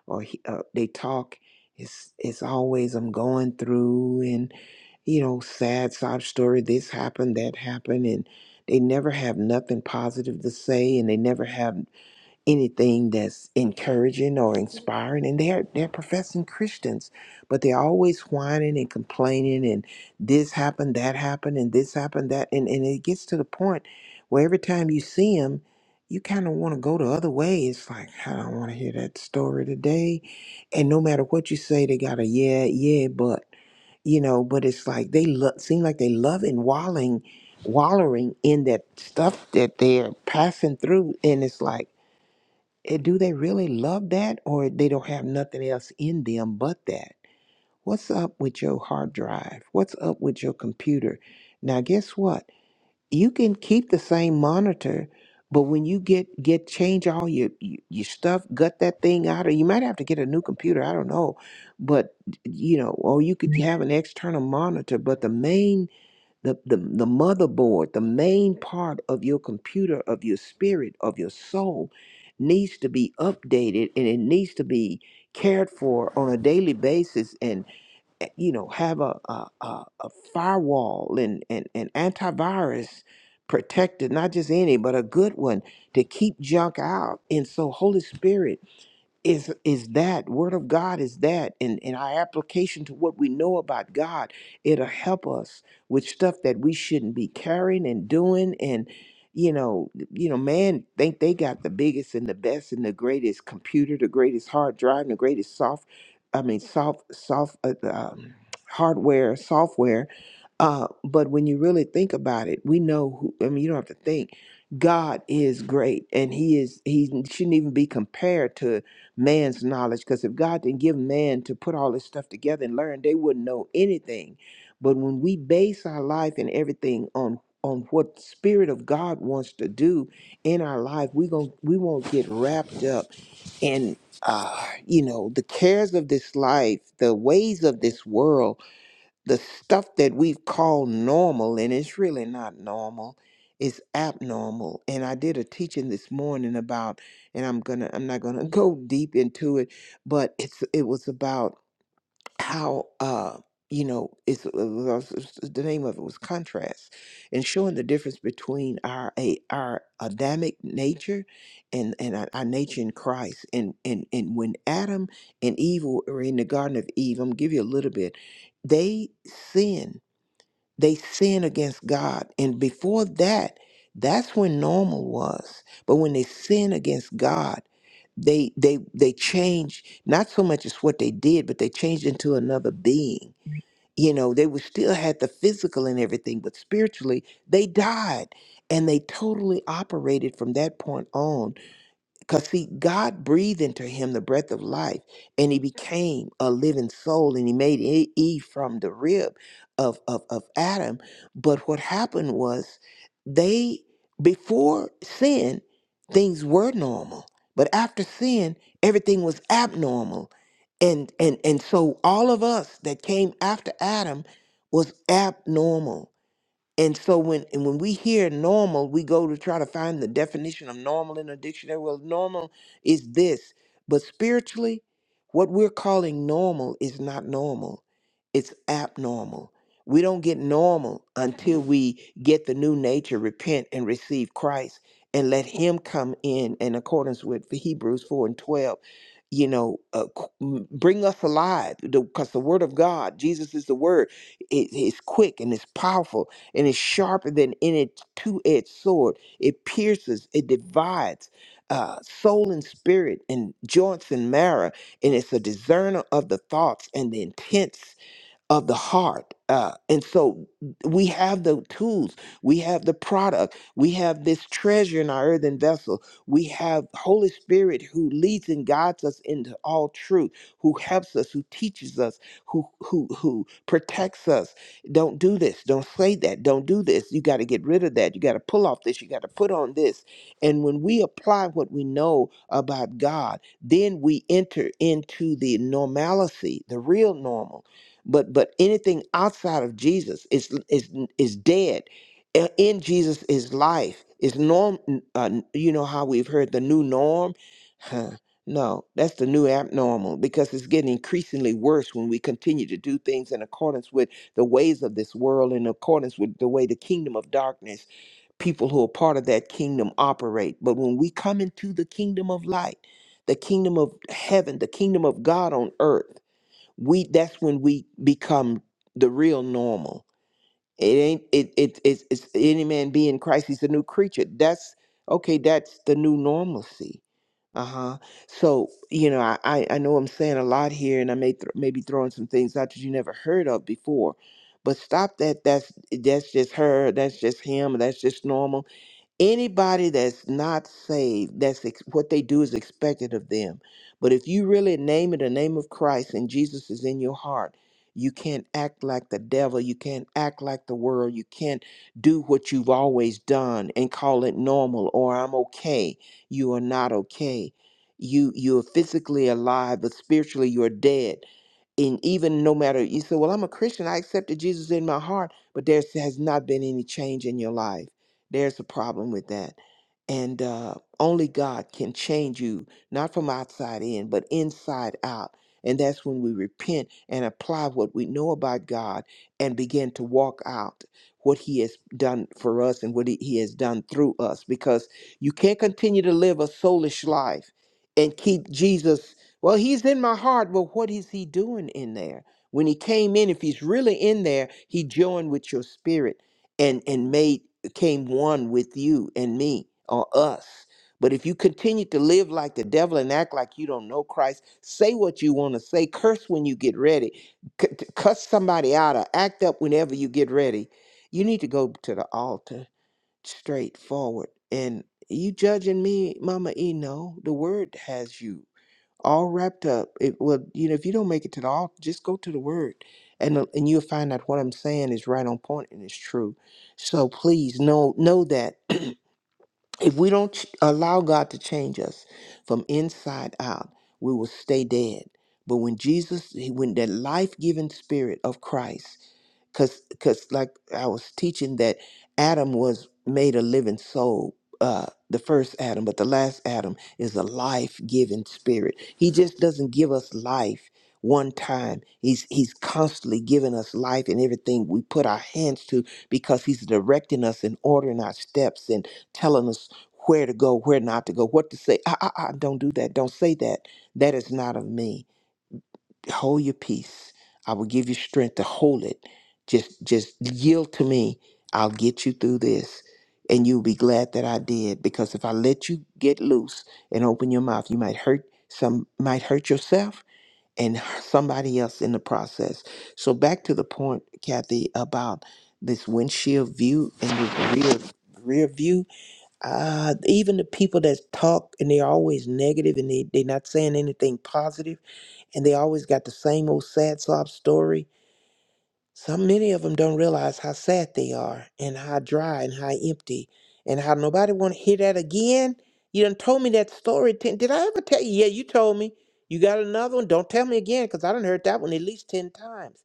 or he, uh, they talk, it's it's always I'm going through and you know sad sob story. This happened, that happened, and they never have nothing positive to say, and they never have anything that's encouraging or inspiring and they're they're professing Christians but they're always whining and complaining and this happened that happened and this happened that and, and it gets to the point where every time you see them you kind of want to go the other way it's like I don't want to hear that story today and no matter what you say they got a yeah yeah but you know but it's like they lo- seem like they love and walling wallowing in that stuff that they're passing through and it's like Eh, do they really love that or they don't have nothing else in them but that what's up with your hard drive what's up with your computer now guess what you can keep the same monitor but when you get get change all your your your stuff gut that thing out or you might have to get a new computer i don't know but you know or you could have an external monitor but the main the, the, the motherboard, the main part of your computer, of your spirit, of your soul, needs to be updated and it needs to be cared for on a daily basis and eh, you know have a a, a, a firewall and, and, and antivirus protected not just any but a good one to keep junk out and so holy spirit is is that word of god is that and and our application to what we know about god it'll help us with stuff that we shouldn't be carrying and doing and you know you know man think they got the biggest and the best and the greatest computer the greatest hard drive and the greatest soft i mean soft soft uh, um, hardware software uh but when you really think about it we know who i mean you don't have to think god is great and he is he shouldn't even be compared to man's knowledge because if God didn't give man to put all this stuff together and learn, they wouldn't know anything. But when we base our life and everything on on what spirit of God wants to do in our life, we gon' we won't get wrapped up in uh, you know the cares of this life, the ways of this world, the stuff that we've called normal and it's really not normal it's abnormal and i did a teaching this morning about and i'm gonna i'm not gonna go deep into it but it's it was about how uh you know it's it was- it's- the name of it was contrast and showing the difference between our a our adamic nature and and our, our nature in christ and and and when adam and eve were in the garden of eve i'm gonna give you a little bit they sinned they sin against God. And before that, that's when normal was. But when they sin against God, they they they change not so much as what they did, but they changed into another being. You know, they would still had the physical and everything, but spiritually they died. And they totally operated from that point on. Because, see, God breathed into him the breath of life, and he became a living soul, and he made E Eve from the rib of, of, of Adam. But what happened was, they, before sin, things were normal. But after sin, everything was abnormal. And, and, and so all of us that came after Adam was abnormal and so when and when we hear normal, we go to try to find the definition of normal in a dictionary. Well, normal is this, but spiritually, what we're calling normal is not normal. It's abnormal. We don't get normal until we get the new nature, repent and receive Christ and let him come in in accordance with Hebrews 4 and 12. You know, uh, qu- m- bring us alive because the, 'cause the word of God, Jesus is the word, it is quick and it's powerful and is sharper than any two-edged sword. It pierces, it divides uh, soul and spirit, and joints and marrow, and it's a discerner of the thoughts and the intents of the heart. Uh, and so we have the tools, we have the product, we have this treasure in our earthen vessel. We have Holy Spirit who leads and guides us into all truth, who helps us, who teaches us, who who who protects us. Don't do this, don't say that, don't do this. You got to get rid of that. You got to pull off this, you got to put on this. And when we apply what we know about God, then we enter into the normalcy, the real normal but but anything outside of Jesus is is is dead. Uh, In Jesus is life. Is norm? n- Uh, n- you know how we've heard the new norm. Huh. No, that's the new abnormal because it's getting increasingly worse when we continue to do things in accordance with the ways of this world, in accordance with the way the kingdom of darkness, people who are part of that kingdom operate. But when we come into the kingdom of light, the kingdom of heaven, the kingdom of God on earth, we that's when we become the real normal it ain't it, it it's, it's any man be in christ he's a new creature that's okay that's the new normalcy uh-huh so you know i i I know i'm saying a lot here and i may th- maybe throwing some things out that you never heard of before but stop that that's that's just her that's just him that's just normal anybody that's not saved that's ex- what they do is expected of them but if you really name it the name of christ and jesus is in your heart you can't act like the devil you can't act like the world you can't do what you've always done and call it normal or i'm okay you are not okay you you are physically alive but spiritually you're dead and even no matter you say, well, I'm a Christian, I accepted Jesus in my heart, but there has not been any change in your life. There's a problem with that. And uh, only God can change you, not from outside in, but inside out. And that's when we repent and apply what we know about God and begin to walk out what He has done for us and what He He has done through us. Because you can't continue to live a soulish life and keep Jesus well, he's in my heart. Well, what is he doing in there? When he came in, if he's really in there, he joined with your spirit and and made came one with you and me or us. But if you continue to live like the devil and act like you don't know Christ, say what you want to say, curse when you get ready, c- t- cuss somebody out or act up whenever you get ready, you need to go to the altar straightforward. And you judging me, Mama E? No, the word has you all wrapped up. It well, you know, if you don't make it to the altar, just go to the word, and uh, and you'll find out what I'm saying is right on point and it's true. So please know know that if we don't ch- allow God to change us from inside out, we will stay dead. But when Jesus, he- when that life giving spirit of Christ because because like I was teaching that Adam was made a living soul, uh, the first Adam, but the last Adam is a life-giving spirit. He just doesn't give us life one time. He's he's constantly giving us life and everything we put our hands to because he's directing us and ordering our steps and telling us where to go, where not to go, what to say. Ah, ah, ah, don't do that. Don't say that. That is not of me hold your peace. I will give you strength to hold it. Just just yield to me. I'll get you through this. And you'll be glad that I did. Because if I let you get loose and open your mouth, you might hurt some might hurt yourself and somebody else in the process. So back to the point, Kathy, about this windshield view and this rear rear view. Uh even the people that talk and they're always negative and they, they're not saying anything positive and they always got the same old sad sob story. So many of them don't realize how sad they are and how dry and how empty and how nobody want to hear that again. You done told me that story. Ten, did I ever tell you? Yeah, you told me. You got another one? Don't tell me again because I done heard that one at least 10 times.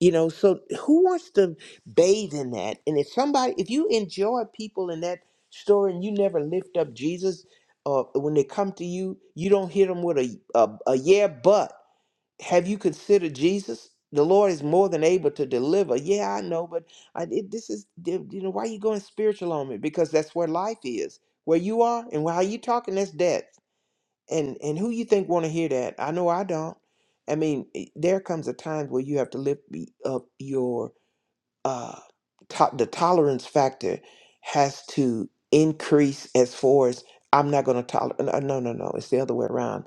You know, so who wants to bathe in that? And if somebody, if you enjoy people in that story and you never lift up Jesus, or when they come to you, you don't hit them with a, a, a yeah, but. Have you considered Jesus? The Lord is more than able to deliver. Yeah, I know, but I it, this is you know why you going spiritual on me because that's where life is, where you are and how you talking. That's death, and and who you think want to hear that? I know I don't. I mean, i- there comes a time where you have to lift me up your uh to- the tolerance factor has to increase as far as I'm not going to tolerate. No, no, no, no. It's the other way around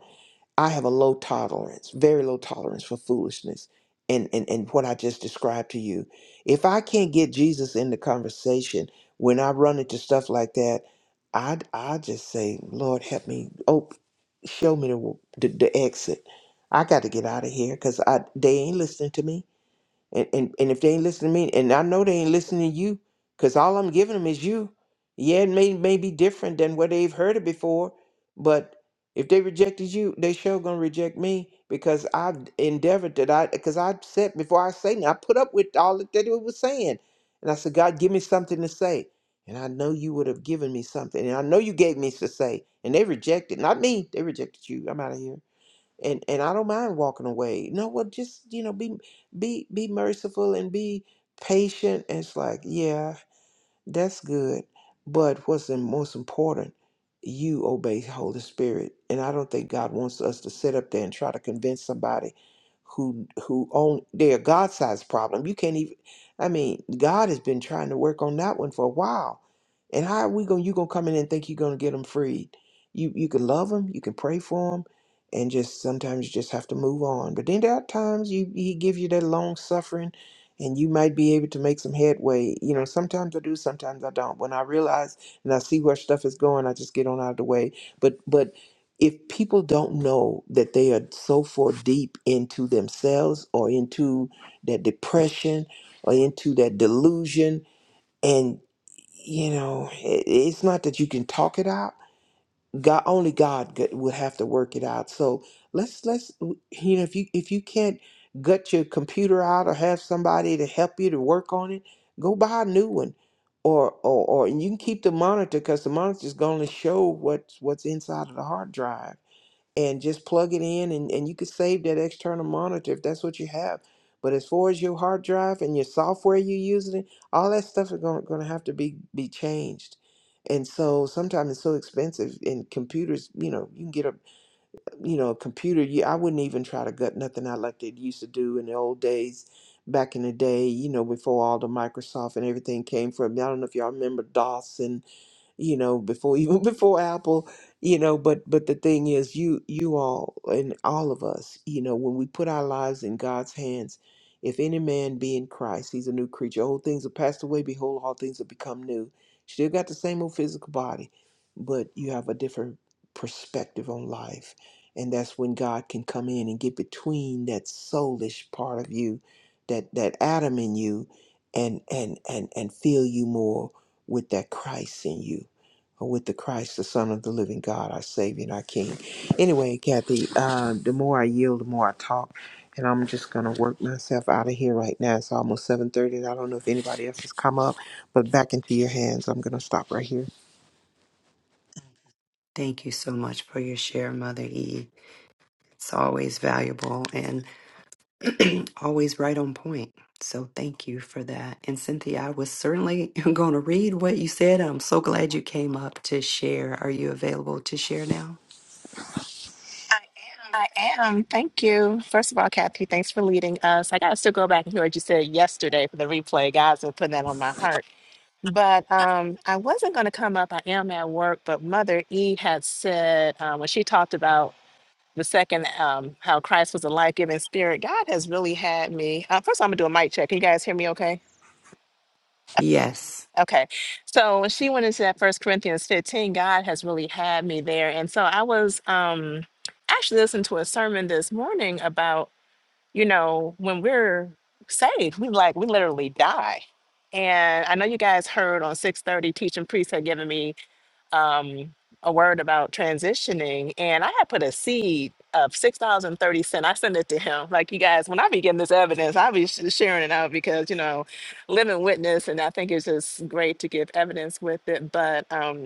I have a low tolerance, very low tolerance for foolishness and, and, and what I just described to you. If I can't get Jesus in the conversation when I run into stuff like that, I, I just say, Lord, help me. Oh, show me the, the, the exit. I got to get out of here because I they ain't listening to me. And, and and if they ain't listening to me, and I know they ain't listening to you, because all I'm giving them is you. Yeah, it may, may be different than what they've heard it before, but if they rejected you, they sure gonna reject me because I've endeavored that I because I said before I say now I put up with all that they was saying. And I said, God, give me something to say. And I know you would have given me something. And I know you gave me to say. And they rejected, not me, they rejected you. I'm out of here and and I don't mind walking away. No, what just you know, be be be merciful and be patient. And it's like, yeah, that's good. But what's the most important, you obey Holy Spirit. And I don't think God wants us to sit up there and try to convince somebody who who own their God sized problem. You can't even I mean, God has been trying to work on that one for a while. And how are we going you gonna come in and think you're gonna get them freed? You you can love them, you can pray for them, and just sometimes you just have to move on. But then there are times you he give you that long suffering and you might be able to make some headway. You know, sometimes I do, sometimes I don't. When I realize and I see where stuff is going, I just get on out of the way. But but if people don't know that they are so far deep into themselves or into that depression or into that delusion and you know it, it's not that you can talk it out God only God g- would have to work it out. So let's let's you know if you if you can't gut your computer out or have somebody to help you to work on it, go buy a new one, or or or and you can keep the monitor because the monitor's going to show what's what's inside of the hard drive and just plug it in and, and you could save that external monitor if that's what you have. But as far as your hard drive and your software you're using, all that stuff is going, going to have to be, be changed. And so sometimes it's so expensive and computers, you know, you can get a, you know, a computer. You, I wouldn't even try to gut nothing out like they used to do in the old days back in the day, you know, before all the Microsoft and everything came from. I don't know if y'all remember DOS and you know, before even before Apple, you know, but but the thing is you you all and all of us, you know, when we put our lives in God's hands, if any man be in Christ, he's a new creature. Old things have passed away, behold, all things have become new. Still got the same old physical body, but you have a different perspective on life. And that's when God can come in and get between that soulish part of you, that that Adam in you, and and and and fill you more with that Christ in you with the Christ, the Son of the living God, our Savior and our King. Anyway, Kathy, uh, the more I yield, the more I talk, and I'm just going to work myself out of here right now. It's almost 7.30, and I don't know if anybody else has come up, but back into your hands. I'm going to stop right here. Thank you so much for your share, Mother E. It's always valuable and always right on point. So thank you for that. And Cynthia, I was certainly going to read what you said. I'm so glad you came up to share. Are you available to share now? I am. Thank you. First of all, Kathy, thanks for leading us. I gotta still go back and hear what you said yesterday for the replay. Guys are putting that on my heart. But um, I wasn't going to come up. I am at work. But Mother E had said uh, when she talked about the second, um, how Christ was a life giving spirit, God has really had me. Uh, first, I'm going to do a mic check. Can you guys hear me okay? Yes. Okay. So when she went into that First Corinthians 15, God has really had me there. And so I was um, actually listening to a sermon this morning about you know, when we're saved, we like we literally die. And I know you guys heard on 6:30, teaching priest had given me um, a word about transitioning, and I had put a seed of six dollars and thirty cent. I sent it to him. Like you guys, when I be getting this evidence, I'll be sh- sharing it out because you know, living witness, and I think it's just great to give evidence with it. But um,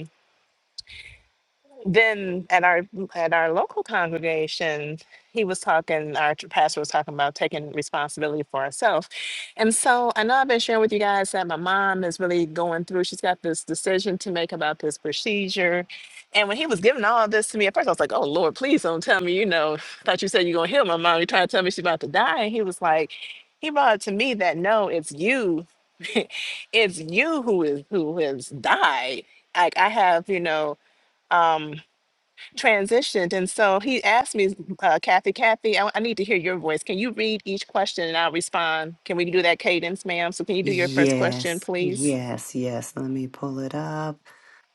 then at our at our local congregation, he was talking. Our tr- pastor was talking about taking responsibility for ourselves, and so I know I've been sharing with you guys that my mom is really going through. She's got this decision to make about this procedure, and when he was giving all this to me, at first I was like, "Oh Lord, please don't tell me." You know, I thought you said you're gonna heal my mom. You're trying to tell me she's about to die, and he was like, he brought it to me that no, it's you, it's you who is who has died. Like I have, you know. um transitioned. And so he asked me, uh, Kathy, Kathy, I, I need to hear your voice. Can you read each question and I'll respond? Can we do that cadence, ma'am? So can you do your first question, Yes, please? yes, yes. Let me pull it up.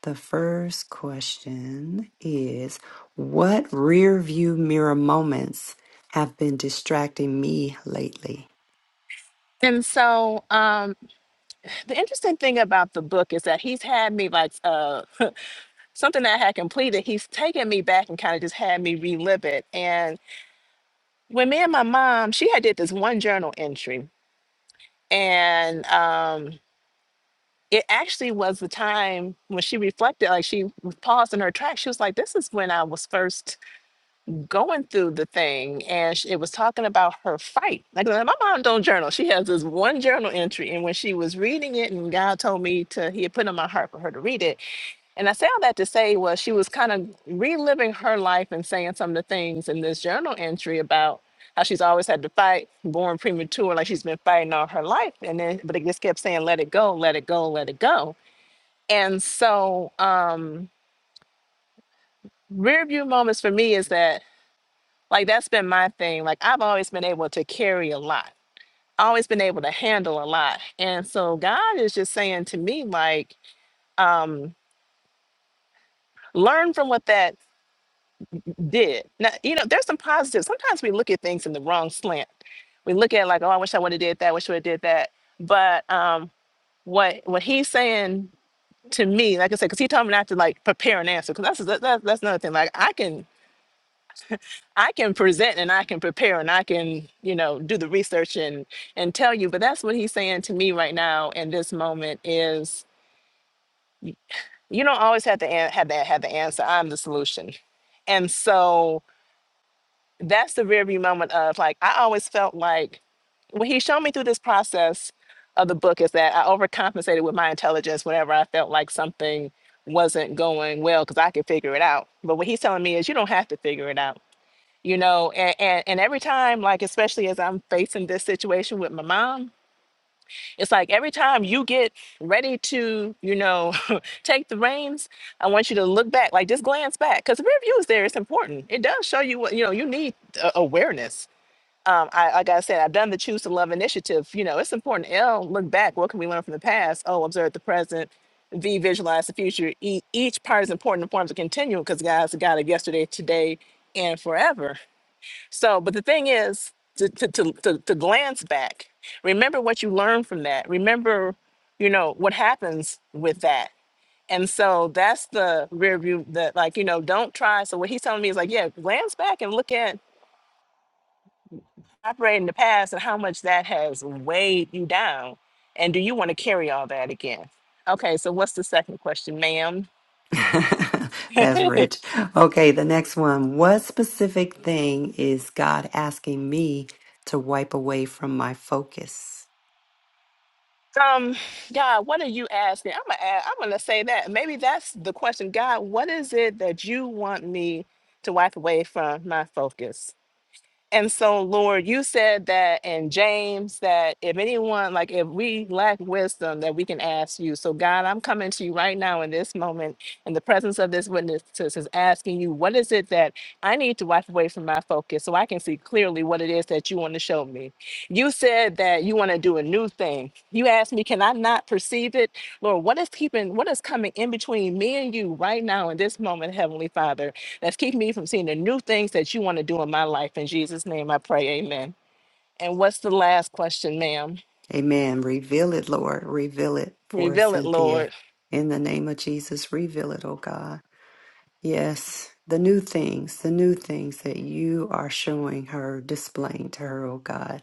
The first question is What rear view mirror moments have been distracting me lately? And so um, the interesting thing about the book is that he's had me like uh, something that I had completed. He's taken me back and kind of just had me relive it. And when me and my mom, she had did this one journal entry. And um, it actually was the time when she reflected, like she paused in her track. She was like, This is when I was first going through the thing. And sh- it was talking about her fight. Like uh, my mom don't journal. She has this one journal entry. And when she was reading it, and God told me to, He had put it on my heart for her to read it. And I say all that to say was she was kind of reliving her life and saying some of the things in this journal entry about how she's always had to fight, born premature, like she's been fighting all her life. And then, but it just kept saying, let it go, let it go, let it go. And so, um, rear view moments for me is that like that's been my thing. Like I've always been able to carry a lot. Always been able to handle a lot. And so God is just saying to me, like, um, learn from what that did. Now, you know, there's some positives. Sometimes we look at things in the wrong slant. We look at like, oh, I wish I would have did that, wish I would have did that. But um what what he's saying to me, like I said, because he told me not to like prepare an answer, because that's, that's that's another thing. Like I can I can present and I can prepare and I can, you know, do the research and and tell you. But that's what he's saying to me right now in this moment is you don't always have to an- have to have the answer. I'm the solution. And so that's the rear view moment of like I always felt like what he showed me through this process of the book is that I overcompensated with my intelligence whenever I felt like something wasn't going well because I could figure it out. But what he's telling me is you don't have to figure it out you know and, and and every time like especially as i'm facing this situation with my mom it's like every time you get ready to you know take the reins i want you to look back like just glance back because the rear view is there it's important it does show you what you know you need uh, awareness um, I, like I said, I've done the Choose to Love initiative. You know, it's important. L, look back. What can we learn from the past? O, observe the present. V, visualize the future. E, each part is important and forms a continuum because, guys, the God of yesterday, today, and forever so, but the thing is to, to, to, to, to glance back, remember what you learned from that. Remember, you know, what happens with that. And so that's the rear view that like, you know, don't try. So what he's telling me is like, yeah, glance back and look at operating in the past and how much that has weighed you down. And do you want to carry all that again? Okay, so what's the second question, ma'am? That's rich. Okay, the next one. What specific thing is God asking me to wipe away from my focus? Um, God, what are you asking? I'm gonna ask, I'm gonna say that. Maybe that's the question. God, what is it that you want me to wipe away from my focus? And so, Lord, you said that in James that if anyone, like if we lack wisdom, that we can ask you. So, God, I'm coming to you right now in this moment, in the presence of this witness, is asking you, what is it that I need to wipe away from my focus so I can see clearly what it is that you want to show me? You said that you want to do a new thing. You asked me, can I not perceive it? Lord, what is keeping, what is coming in between me and you right now in this moment, Heavenly Father? That's keeping me from seeing the new things that you want to do in my life. In Jesus' name I pray, amen. And what's the last question, ma'am? Amen. Reveal it, Lord. Reveal it for Reveal it, Cynthia. Lord. In the name of Jesus, reveal it, oh God. Yes, the new things, the new things that you are showing her, displaying to her, oh God,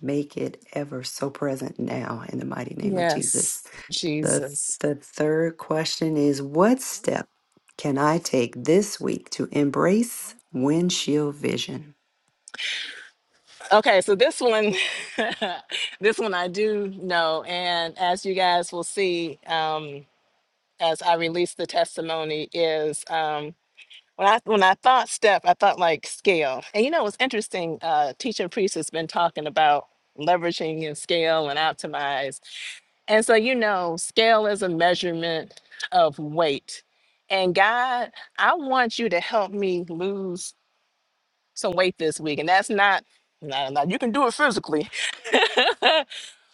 make it ever so present now in the mighty name of Yes, Jesus. The Jesus. the third question is what step can I take this week to embrace windshield vision? Okay, so this one, this one I do know. And as you guys will see, um, as I release the testimony, is um, when I when I thought step, I thought like scale. And you know, it's interesting. Uh, teaching priest has been talking about leveraging and scale and optimize And so, you know, scale is a measurement of weight. And God, I want you to help me lose some weight this week. And that's not, no, no, you can do it physically.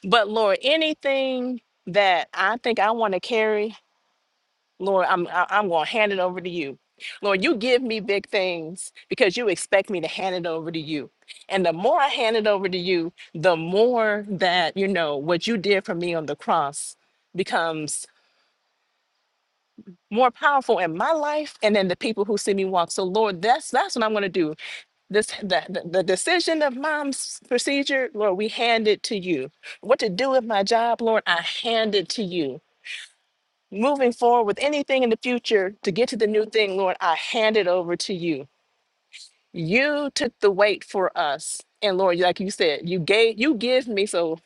but Lord, anything that I think I want to carry, Lord, I'm, I- I'm going to hand it over to you. Lord, you give me big things because you expect me to hand it over to you. And the more I hand it over to you, the more that, you know, what you did for me on the cross becomes more powerful in my life and in the people who see me walk. So Lord, that's that's what I'm gonna do. This the, the, the decision of mom's procedure, Lord, we hand it to you. What to do with my job, Lord, I hand it to you. Moving forward with anything in the future to get to the new thing, Lord, I hand it over to you. You took the weight for us. And Lord, like you said, you gave you give me so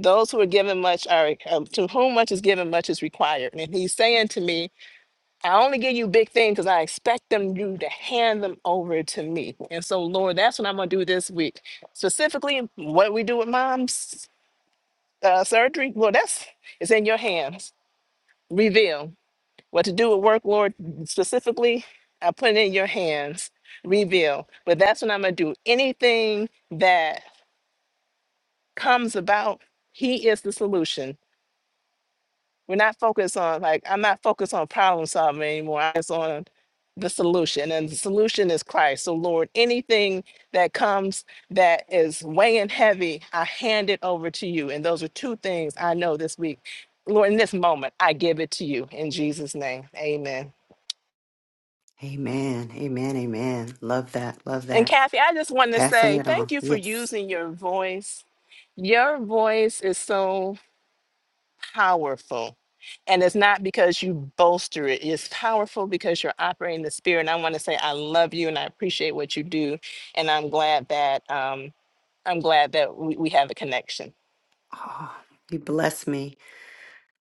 those who are given much are um, to whom much is given much is required and he's saying to me I only give you big things because I expect them you to hand them over to me. And so, Lord, that's what I'm gonna do this week. Specifically, what we do with mom's uh, surgery, well, that's it's in your hands. Reveal what to do with work, Lord. Specifically, I put it in your hands. Reveal. But that's what I'm gonna do. Anything that comes about, He is the solution. We're not focused on like I'm not focused on problem solving anymore. I'm just on the solution, and the solution is Christ. So Lord, anything that comes that is weighing heavy, I hand it over to you. And those are two things I know this week. Lord, in this moment, I give it to you in Jesus' name. Amen. Amen. Amen. Amen. Love that. Love And that. Kathy, I just want to Passing say it on. thank you for Yes. using your voice. Your voice is so powerful And it's not because you bolster it. It's powerful because you're operating the spirit. And I want to say I love you and I appreciate what you do. And I'm glad that um, I'm glad that we, we have a connection. Oh, you bless me.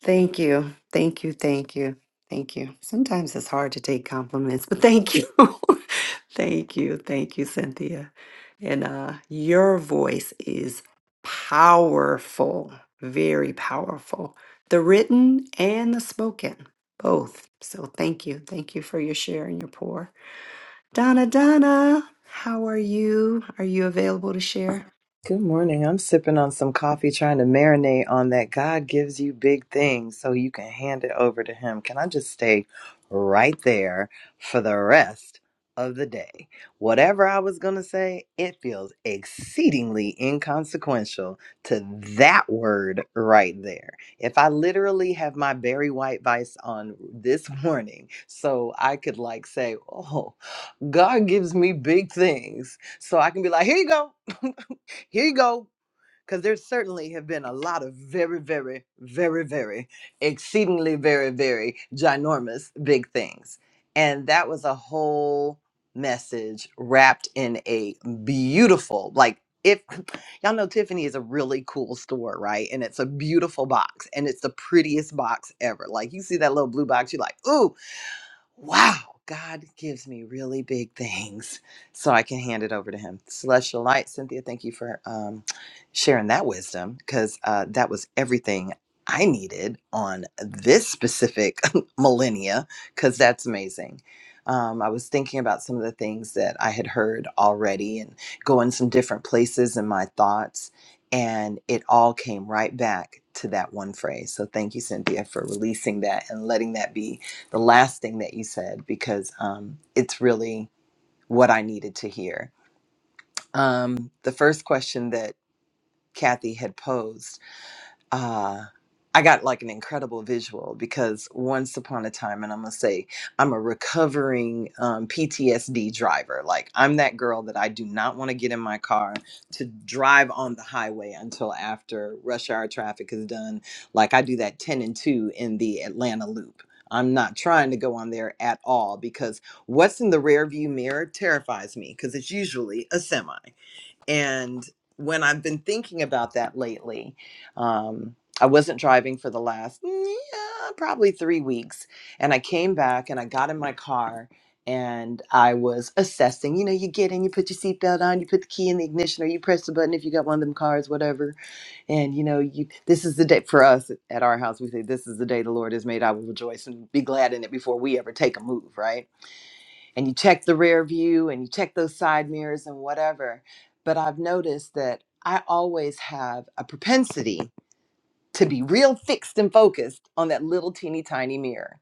Thank you. Thank you. Thank you. Thank you. Sometimes it's hard to take compliments, but thank you. thank you. Thank you, Cynthia. And uh your voice is powerful, very powerful. The written and the spoken, both. So thank you. Thank you for your share and your pour. Donna, Donna, how are you? Are you available to share? Good morning. I'm sipping on some coffee, trying to marinate on that. God gives you big things so you can hand it over to Him. Can I just stay right there for the rest of the day? Whatever I was going to say, it feels exceedingly inconsequential to that word right there. If I literally have my Barry White Vice on this morning, so I could like say, Oh, God gives me big things. So I can be like, Here you go. Here you go. Because there certainly have been a lot of very, very, very, very, exceedingly, very, very ginormous big things. And that was a whole message wrapped in a beautiful, like, if y'all know Tiffany is a really cool store, right? And it's a beautiful box and it's the prettiest box ever. Like, you see that little blue box, you're like, ooh, wow, God gives me really big things. So I can hand it over to Him. Celestial Light, Cynthia, thank you for um, sharing that wisdom because uh, that was everything I needed on this specific millennia because that's amazing. Um, I was thinking about some of the things that I had heard already and going some different places in my thoughts. And it all came right back to that one phrase. So thank you, Cynthia, for releasing that and letting that be the last thing that you said because um, it's really what I needed to hear. Um, the first question that Kathy had posed uh, I got like an incredible visual because once upon a time, and I'm gonna say I'm a recovering um, PTSD driver. Like I'm that girl that I do not want to get in my car to drive on the highway until after rush hour traffic is done. Like I do that 10 and 2 in the Atlanta loop. I'm not trying to go on there at all because what's in the rearview mirror terrifies me because it's usually a semi. And when I've been thinking about that lately, um, I wasn't driving for the last mm, yeah, probably three weeks. And I came back and I got in my car and I was assessing. You know, you get in, you put your seatbelt on, you put the key in the ignition, or you press the button if you got one of them cars, whatever. And, you know, you this is the day for us at our house. We say, This is the day the Lord has made. I will rejoice and be glad in it before we ever take a move, right? and you check the rear view and you check those side mirrors and whatever. But I've noticed that I always have a propensity to be real fixed and focused on that little teeny tiny mirror.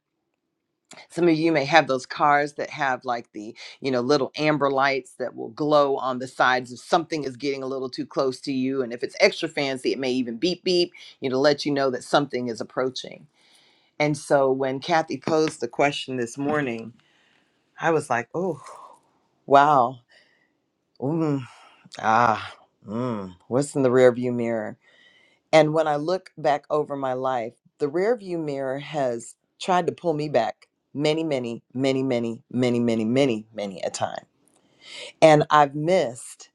Some of you may have those cars that have like the, you know, little amber lights that will glow on the sides if something is getting a little too close to you. And if it's extra fancy, it may even beep beep, you know, to let you know that something is approaching. And so when Kathy posed the question this morning, I was like, oh, wow. Ah, mm, what's in the rearview mirror? And when I look back over my life, the rearview mirror has tried to pull me back many, many, many, many, many, many, many, many a time. And I've missed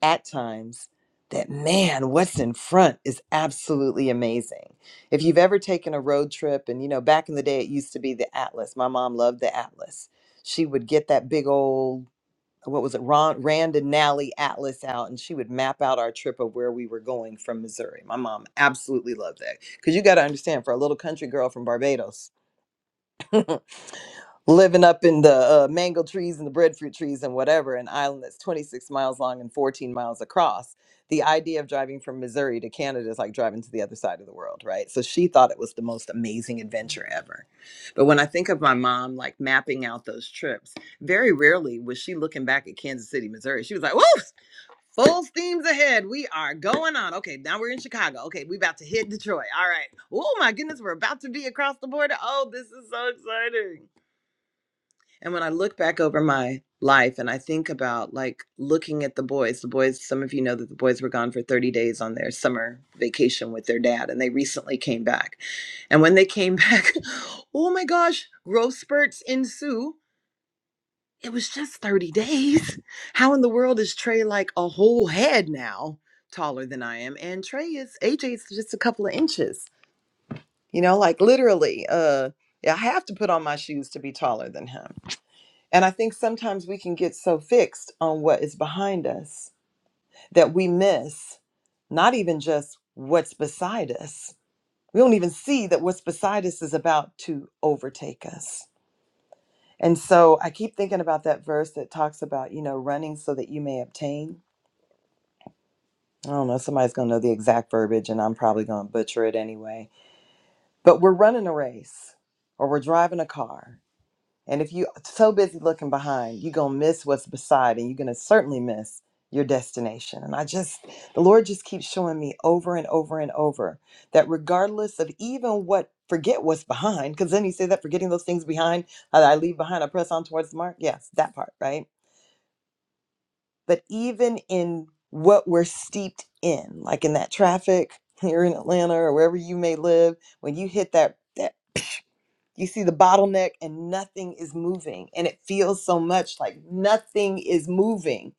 at times that, man, what's in front is absolutely amazing. If you've ever taken a road trip, and you know, back in the day, it used to be the Atlas. My mom loved the Atlas. She would get that big old what was it, Ron, Rand and Nally Atlas out, and she would map out our trip of where we were going from Missouri. My mom absolutely loved that because you got to understand, for a little country girl from Barbados, living up in the uh, mango trees and the breadfruit trees and whatever, an island that's 26 miles long and 14 miles across. The idea of driving from Missouri to Canada is like driving to the other side of the world, right? So she thought it was the most amazing adventure ever. But when I think of my mom, like mapping out those trips, very rarely was she looking back at Kansas City, Missouri. She was like, whoa, Full steams ahead. We are going on. Okay, now we're in Chicago. Okay, we about to hit Detroit. All right. Oh my goodness, we're about to be across the border. Oh, this is so exciting. And when I look back over my life and I think about like looking at the boys, the boys, some of you know that the boys were gone for 30 days on their summer vacation with their dad, and they recently came back. And when they came back, oh my gosh, growth spurts ensue it was just 30 days. How in the world is Trey like a whole head now taller than I am? And Trey is AJ's just a couple of inches. You know, like literally, uh yeah, I have to put on my shoes to be taller than him. And I think sometimes we can get so fixed on what is behind us that we miss not even just what's beside us. We don't even see that what's beside us is about to overtake us. And so I keep thinking about that verse that talks about, you know, running so that you may obtain. I don't know, somebody's going to know the exact verbiage and I'm probably going to butcher it anyway. But we're running a race or we're driving a car. And if you're so busy looking behind, you're going to miss what's beside and you're going to certainly miss your destination. And I just, the Lord just keeps showing me over and over and over that regardless of even what, forget what's behind, because then he said that forgetting those things behind, uh, that I leave behind, I press on towards the mark. Yes, that part, right? but even in what we're steeped in, like in that traffic here in Atlanta or wherever you may live, when you hit that that you see the bottleneck and nothing is moving and it feels so much like nothing is moving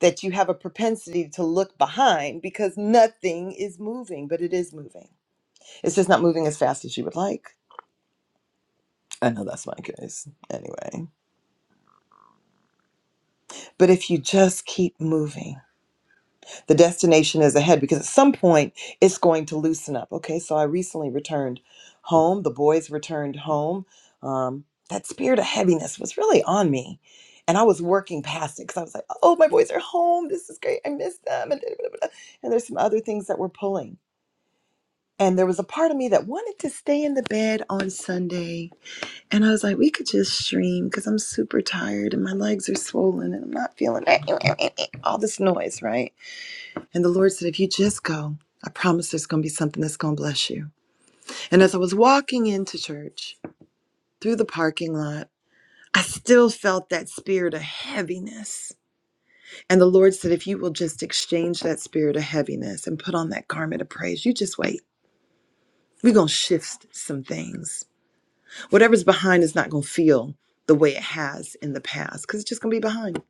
that you have a propensity to look behind because nothing is moving, but it is moving. It's just not moving as fast as you would like. I know that's my case anyway. But if you just keep moving, the destination is ahead because at some point it's going to loosen up. Okay, so I recently returned home. The boys returned home. Um, that spirit of heaviness was really on me. And I was working past it because I was like, oh, my boys are home. This is great. I miss them. And, da- da- da- da. and there's some other things that were pulling. And there was a part of me that wanted to stay in the bed on Sunday. And I was like, we could just stream because I'm super tired and my legs are swollen and I'm not feeling all this noise, right? And the Lord said, if you just go, I promise there's going to be something that's going to bless you. And as I was walking into church through the parking lot, I still felt that spirit of heaviness. And the Lord said, if you will just exchange that spirit of heaviness and put on that garment of praise, you just wait. We're going to shift some things. Whatever's behind is not going to feel the way it has in the past because it's just going to be behind.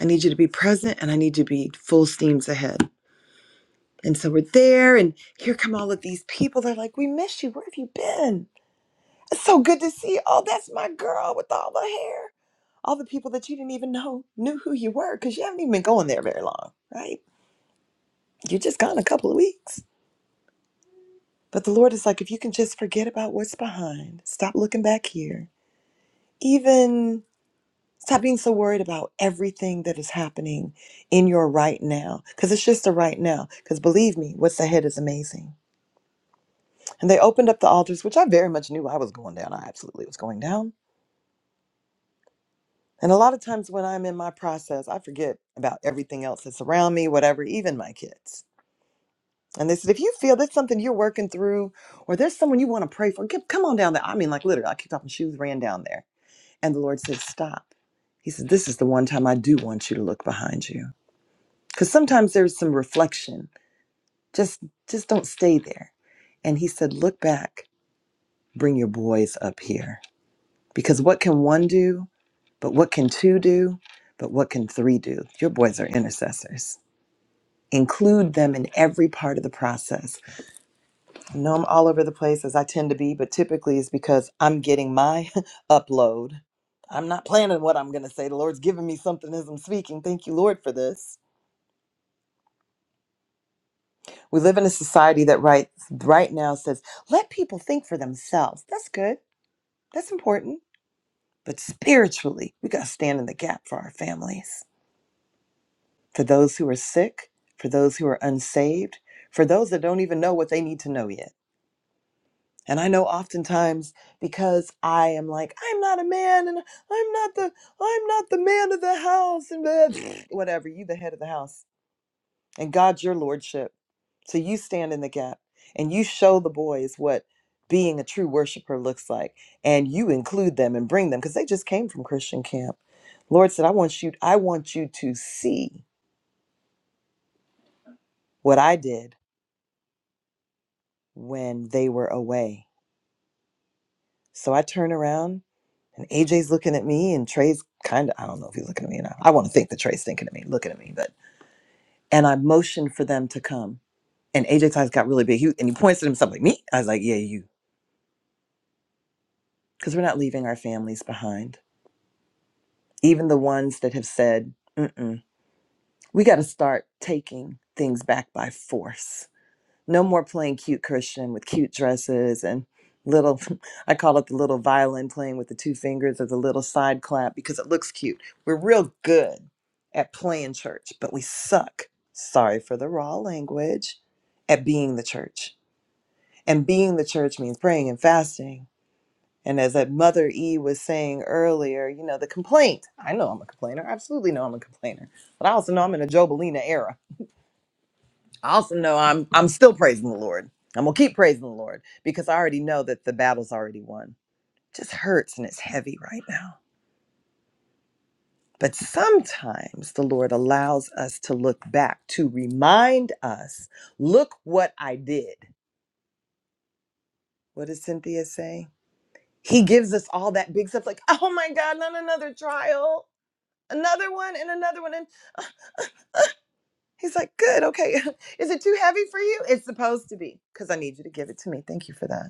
I need you to be present and I need you to be full steams ahead. And so we're there, and here come all of these people. They're like, We miss you. Where have you been? It's so good to see you. Oh, that's my girl with all the hair. All the people that you didn't even know knew who you were because you haven't even been going there very long, right? You're just gone a couple of weeks. But the Lord is like, If you can just forget about what's behind, stop looking back here, even stop being so worried about everything that is happening in your right now because it's just a right now. Because believe me, what's ahead is amazing And they opened up the altars, which I very much knew I was going down. I absolutely was going down. And a lot of times when I'm in my process, I forget about everything else that's around me, whatever, even my kids. And they said, if you feel there's something you're working through or there's someone you want to pray for, get, come on down there. I mean, like literally, I kicked off my shoes, ran down there. And the Lord said, stop. He said, this is the one time I do want you to look behind you. Because sometimes there's some reflection. Just, just don't stay there. And he said, look back, bring your boys up here. Because what can one do But what can two do? But what can three do? Your boys are intercessors. Include them in every part of the process. I know I'm all over the place as I tend to be, but typically it's because I'm getting my upload. I'm not planning what I'm going to say. The Lord's giving me something as I'm speaking. Thank you, Lord, for this. We live in a society that right, right now says, let people think for themselves. That's good. That's important. But spiritually, we got to stand in the gap for our families. for those who are sick, for those who are unsaved, for those that don't even know what they need to know yet. And I know oftentimes because I am like, I'm not a man and I'm not the I'm not the man of the house and blah, whatever, you the head of the house. And God's your lordship. So you stand in the gap and you show the boys what being a true worshiper looks like. And you include them and bring them because they just came from Christian camp. Lord said, I want you, I want you to see what I did when they were away. So I turn around and AJ's looking at me and Trey's kind of, I don't know if he's looking at me or not. I want to think that Trey's thinking at me, looking at me, but, and I motioned for them to come. And AJ's eyes got really big. He, and he points at himself like, me? I was like, yeah, you. Because we're not leaving our families behind. Even the ones that have said, Mm-mm, we got to start taking things back by force No more playing cute Christian with cute dresses and little, I call it the little violin playing with the two fingers or the little side clap because it looks cute. We're real good at playing church, but we suck, sorry for the raw language, at being the church. And being the church means praying and fasting. And as that Mother E was saying earlier, you know, the complaint. I know I'm a complainer. I absolutely know I'm a complainer. But I also know I'm in a Jobelina era. I also know I'm I'm still praising the Lord. I'm gonna keep praising the Lord because I already know that the battle's already won. It just hurts and it's heavy right now. But sometimes the Lord allows us to look back to remind us, look what I did. What does Cynthia say? He gives us all that big stuff, like, oh my God, not another trial, another one and another one. And he's like, good, okay. Is it too heavy for you? It's supposed to be, because I need you to give it to me. Thank you for that.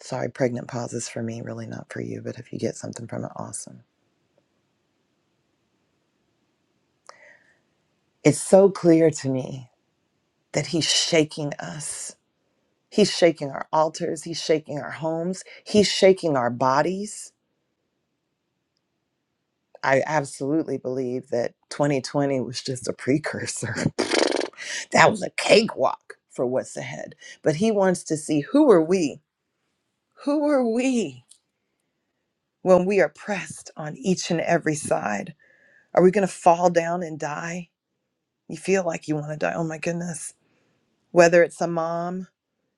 Sorry, pregnant pause is for me, really not for you, but if you get something from it, awesome. It's so clear to me that he's shaking us. He's shaking our altars, he's shaking our homes, he's shaking our bodies. I absolutely believe that 2020 was just a precursor. that was a cakewalk for what's ahead. But he wants to see who are we? Who are we when we are pressed on each and every side? Are we going to fall down and die? You feel like you want to die. Oh my goodness whether it's a mom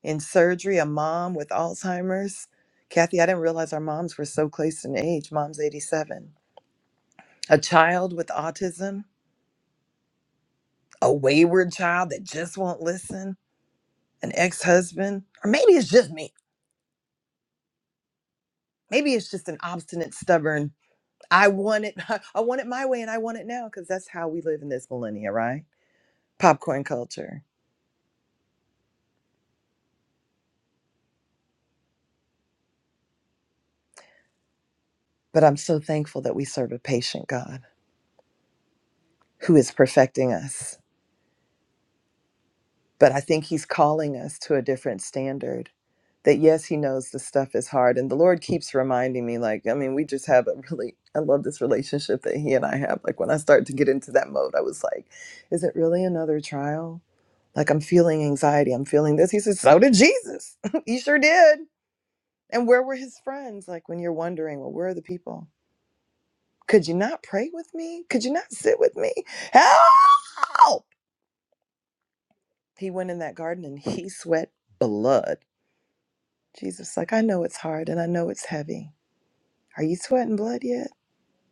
in surgery, a mom with Alzheimer's. Kathy, I didn't realize our moms were so close in age. Mom's 87. A child with autism, a wayward child that just won't listen, an ex husband, or maybe it's just me. Maybe it's just an obstinate, stubborn, I want it, I want it my way and I want it now because that's how we live in this millennia, right? Popcorn culture. But I'm so thankful that we serve a patient God who is perfecting us But I think he's calling us to a different standard. That yes, he knows the stuff is hard. And the Lord keeps reminding me, like, I mean, we just have a really, I love this relationship that he and I have. Like, when I start to get into that mode, I was like, is it really another trial? Like, I'm feeling anxiety. I'm feeling this. He says, so did Jesus. he sure did. And where were his friends? Like, when you're wondering, well, where are the people? Could you not pray with me? Could you not sit with me? Help! He went in that garden and he sweat blood Jesus, like, I know it's hard and I know it's heavy. Are you sweating blood yet?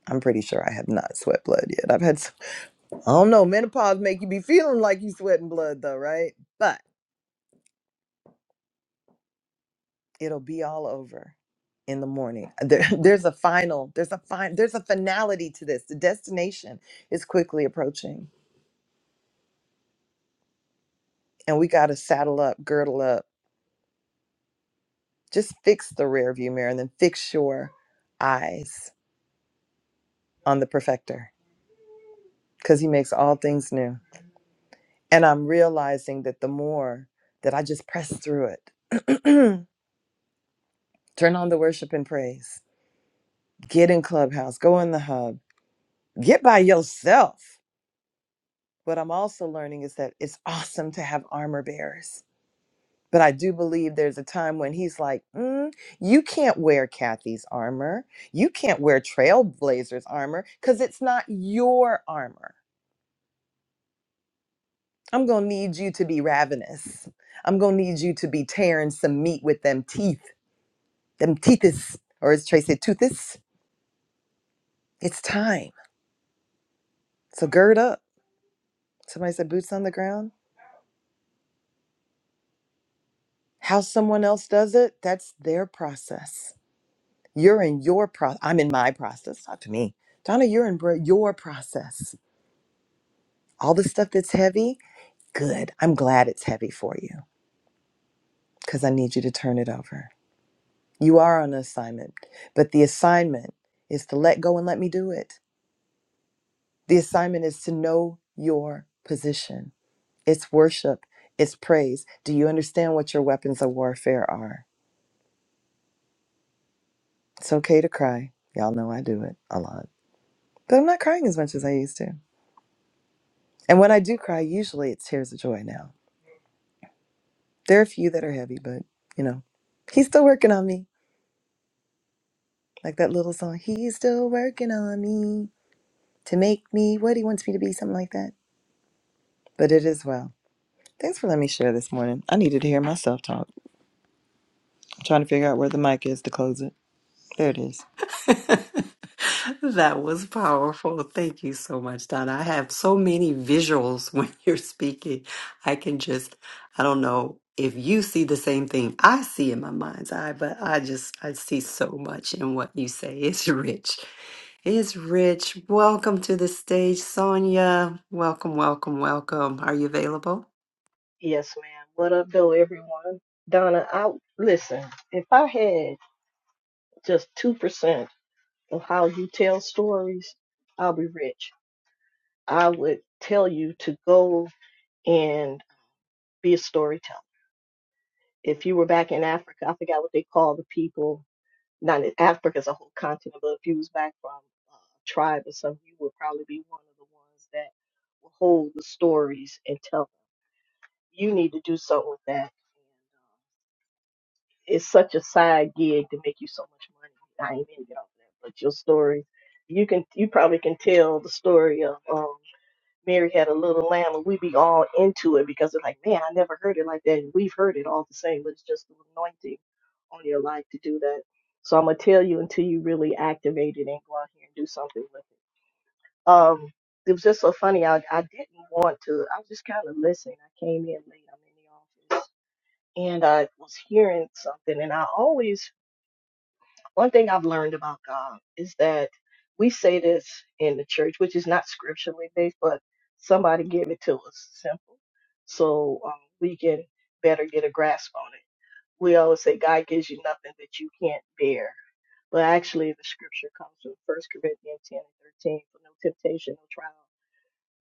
I'm pretty sure I have not sweat blood yet. I've had, some, I don't know, menopause make you be feeling like you sweating blood though, right? But it'll be all over in the morning. Uh, There, there's a final, there's a fine, there's a finality to this. The destination is quickly approaching and we got to saddle up, girdle up, just fix the rear view mirror and then fix your eyes on the perfecter because he makes all things new And I'm realizing that the more that I just press through it, turn on the worship and praise, get in Clubhouse, go in the hub, get by yourself. What I'm also learning is that it's awesome to have armor bearers. But I do believe there's a time when he's like, "Mm, you can't wear Kathy's armor. You can't wear Trailblazer's armor because it's not your armor. I'm going to need you to be ravenous. I'm going to need you to be tearing some meat with them teeth. them teethis, or as Trey said, toothis. It's time. So gird up. Somebody said boots on the ground. How someone else does it, that's their process. You're in your process. I'm in my process. Talk to me. Donna, you're in bro- your process. All the stuff that's heavy, good. I'm glad it's heavy for you because I need you to turn it over. You are on assignment, but the assignment is to let go and let me do it. The assignment is to know your position It's worship. It's praise. Do you understand what your weapons of warfare are? It's okay to cry. Y'all know I do it a lot. But I'm not crying as much as I used to. And when I do cry, usually it's tears of joy now. There are a few that are heavy, but you know, he's still working on me. Like that little song, he's still working on me to make me what he wants me to be, something like that. But it is well. Thanks for letting me share this morning. I needed to hear myself talk. I'm trying to figure out where the mic is to close it. There it is. That was powerful. Thank you so much, Donna. I have so many visuals when you're speaking. I can just, I don't know if you see the same thing I see in my mind's eye, but I just, I see so much in what you say. It's rich. It's rich. Welcome to the stage, Sonia. Welcome, welcome, welcome. Are you available? Yes, ma'am. What up, though, everyone? Donna, I listen. If I had just two percent of how you tell stories, I'll be rich. I would tell you to go and be a storyteller. If you were back in Africa, I forgot what they call the people. Not in Africa is a whole continent, but if you was back from a tribe or something, you would probably be one of the ones that will hold the stories and tell them. You need to do something with that it's such a side gig to make you so much money. I ain't gonna get off that, but your story, you can, you probably can tell the story of um, Mary had a little lamb, and we be all into it because it's like, man, I never heard it like that. And we've heard it all the same, but it's just the anointing on your life to do that. So I'm gonna tell you until you really activate it and go out here and do something with it. Um, it was just so funny. I I didn't want to. I was just kind of listening. I came in late. I'm in the office, and I was hearing something, and I always one thing I've learned about God is that we say this in the church, which is not scripturally based, but somebody gave it to us simple, so um, we can better get a grasp on it. We always say God gives you nothing that you can't bear, but actually the scripture comes from First Corinthians ten and thirteen: for no temptation, no trial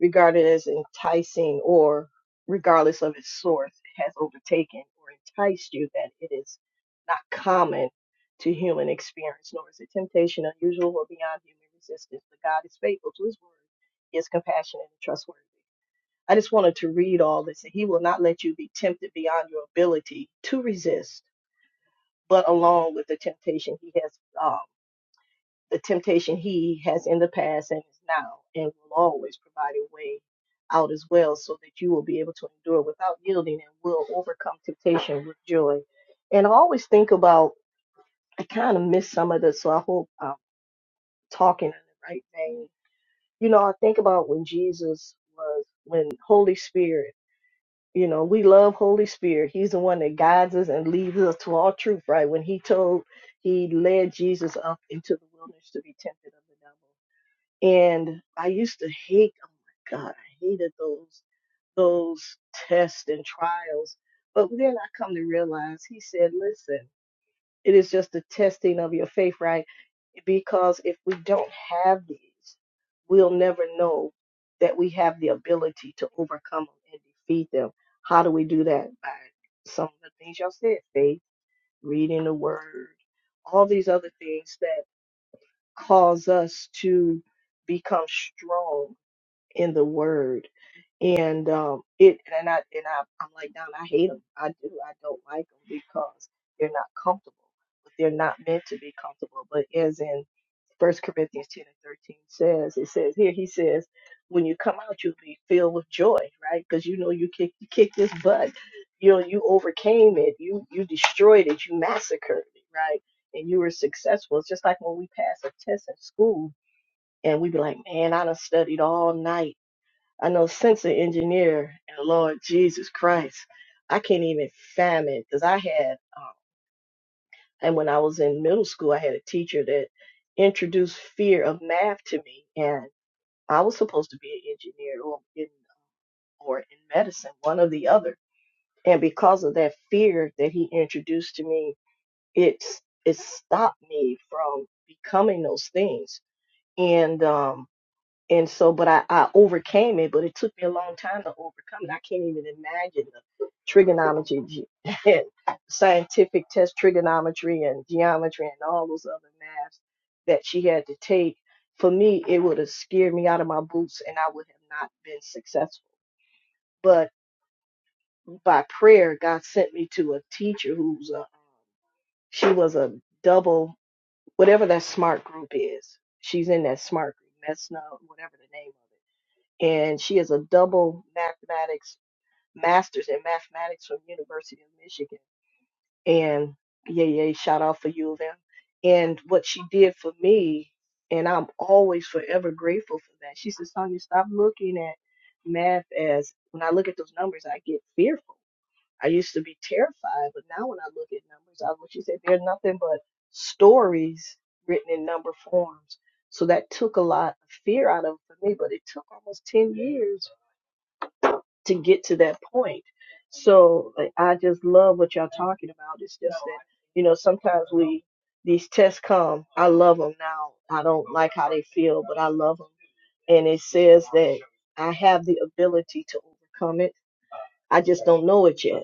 regarded as enticing or regardless of its source it has overtaken or enticed you that it is not common to human experience nor is it temptation unusual or beyond human resistance but god is faithful to his word he is compassionate and trustworthy i just wanted to read all this and he will not let you be tempted beyond your ability to resist but along with the temptation he has uh, the temptation he has in the past and is now, and will always provide a way out as well, so that you will be able to endure without yielding and will overcome temptation with joy. And I always think about, I kind of miss some of this, so I hope I'm talking in the right vein. You know, I think about when Jesus was, when Holy Spirit, you know, we love Holy Spirit. He's the one that guides us and leads us to all truth, right? When he told, he led Jesus up into the wilderness to be tempted of the devil and I used to hate, oh my God, I hated those those tests and trials. But then I come to realize he said, listen, it is just the testing of your faith, right? Because if we don't have these, we'll never know that we have the ability to overcome them and defeat them. How do we do that? By some of the things y'all said, faith, reading the word, all these other things that cause us to become strong in the word. And um, it and I and I I'm like Don, I hate them. I do. I don't like them because they're not comfortable. But they're not meant to be comfortable. But as in First Corinthians ten and thirteen says, it says here he says, when you come out, you'll be filled with joy, right? Because you know you kick you kick this butt. You know you overcame it. You you destroyed it. You massacred it, right? And you were successful. It's just like when we pass a test in school and we be like, man, I done studied all night I know sensor engineer and Lord Jesus Christ. I can't even fathom because I had, um, and when I was in middle school, I had a teacher that introduced fear of math to me, and I was supposed to be an engineer or in or in medicine, one or the other. And because of that fear that he introduced to me, it's it stopped me from becoming those things. And um, and so but I, I overcame it but it took me a long time to overcome it i can't even imagine the trigonometry ge- and scientific test trigonometry and geometry and all those other maths that she had to take for me it would have scared me out of my boots and i would have not been successful but by prayer god sent me to a teacher who's a um, she was a double whatever that smart group is she's in that smart group that's whatever the name of it and she is a double mathematics master's in mathematics from University of Michigan. And yeah, yeah, shout out for U of M. And what she did for me, and I'm always forever grateful for that. She says, Sonia, stop looking at math as when I look at those numbers, I get fearful. I used to be terrified, but now when I look at numbers, I what she said, they're nothing but stories written in number forms. So that took a lot of fear out of it for me, but it took almost 10 years to get to that point. So like, I just love what y'all talking about. It's just that you know sometimes we these tests come. I love them now. I don't like how they feel, but I love them. And it says that I have the ability to overcome it. I just don't know it yet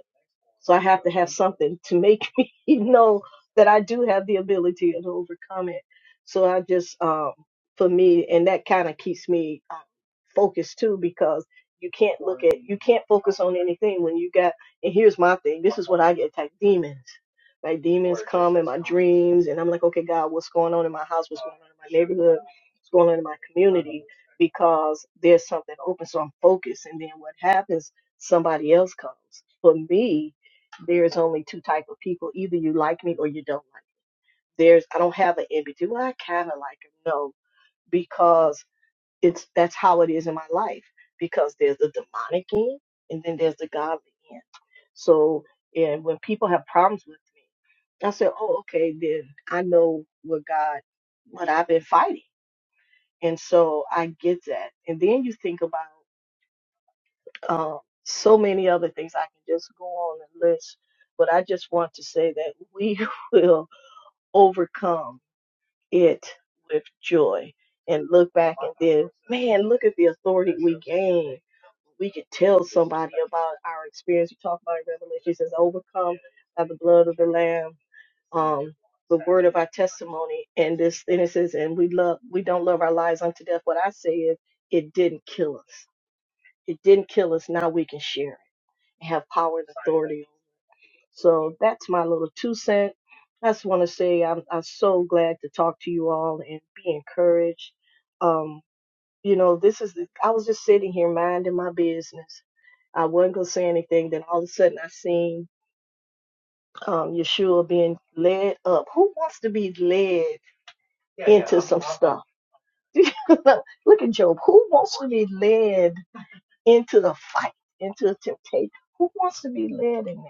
so I have to have something to make me know that I do have the ability to overcome it. So I just, um, for me, and that kind of keeps me uh, focused too, because you can't look at, you can't focus on anything when you got, and here's my thing, this is what I get attacked, demons. My demons come in my dreams, and I'm like, okay, God, what's going on in my house? What's going on in my neighborhood? What's going on in my community? Because there's something open, so I'm focused. And then what happens somebody else comes. For me, there's only two type of people. Either you like me or you don't like me. There's I don't have an in between. Well, I kind of like him. No, because it's that's how it is in my life. Because there's the demonic end and then there's the godly end. So and when people have problems with me, I say, oh, okay, then I know what God, what I've been fighting, and so I get that. And then you think about uh, so many other things. I can just go on and list, but I just want to say that we will overcome it with joy and look back and then, man, look at the authority we gain. We could tell somebody about our experience. We talk about it in Revelation, it says, overcome by the blood of the Lamb. Um, the word of our testimony and this and it says and we love we don't love our lives unto death what i say is it didn't kill us it didn't kill us now we can share have power and authority. So that's my little two cent. I just want to say I'm I'm so glad to talk to you all and be encouraged. Um, you know, this is the, I was just sitting here minding my business. I wasn't gonna say anything. Then all of a sudden, I seen um, Yeshua being led up. Who wants to be led Yeah, yeah, into I'm- some I'm- stuff? Look at Job. Who wants to be led into the fight, into the temptation? Who wants to be led in that?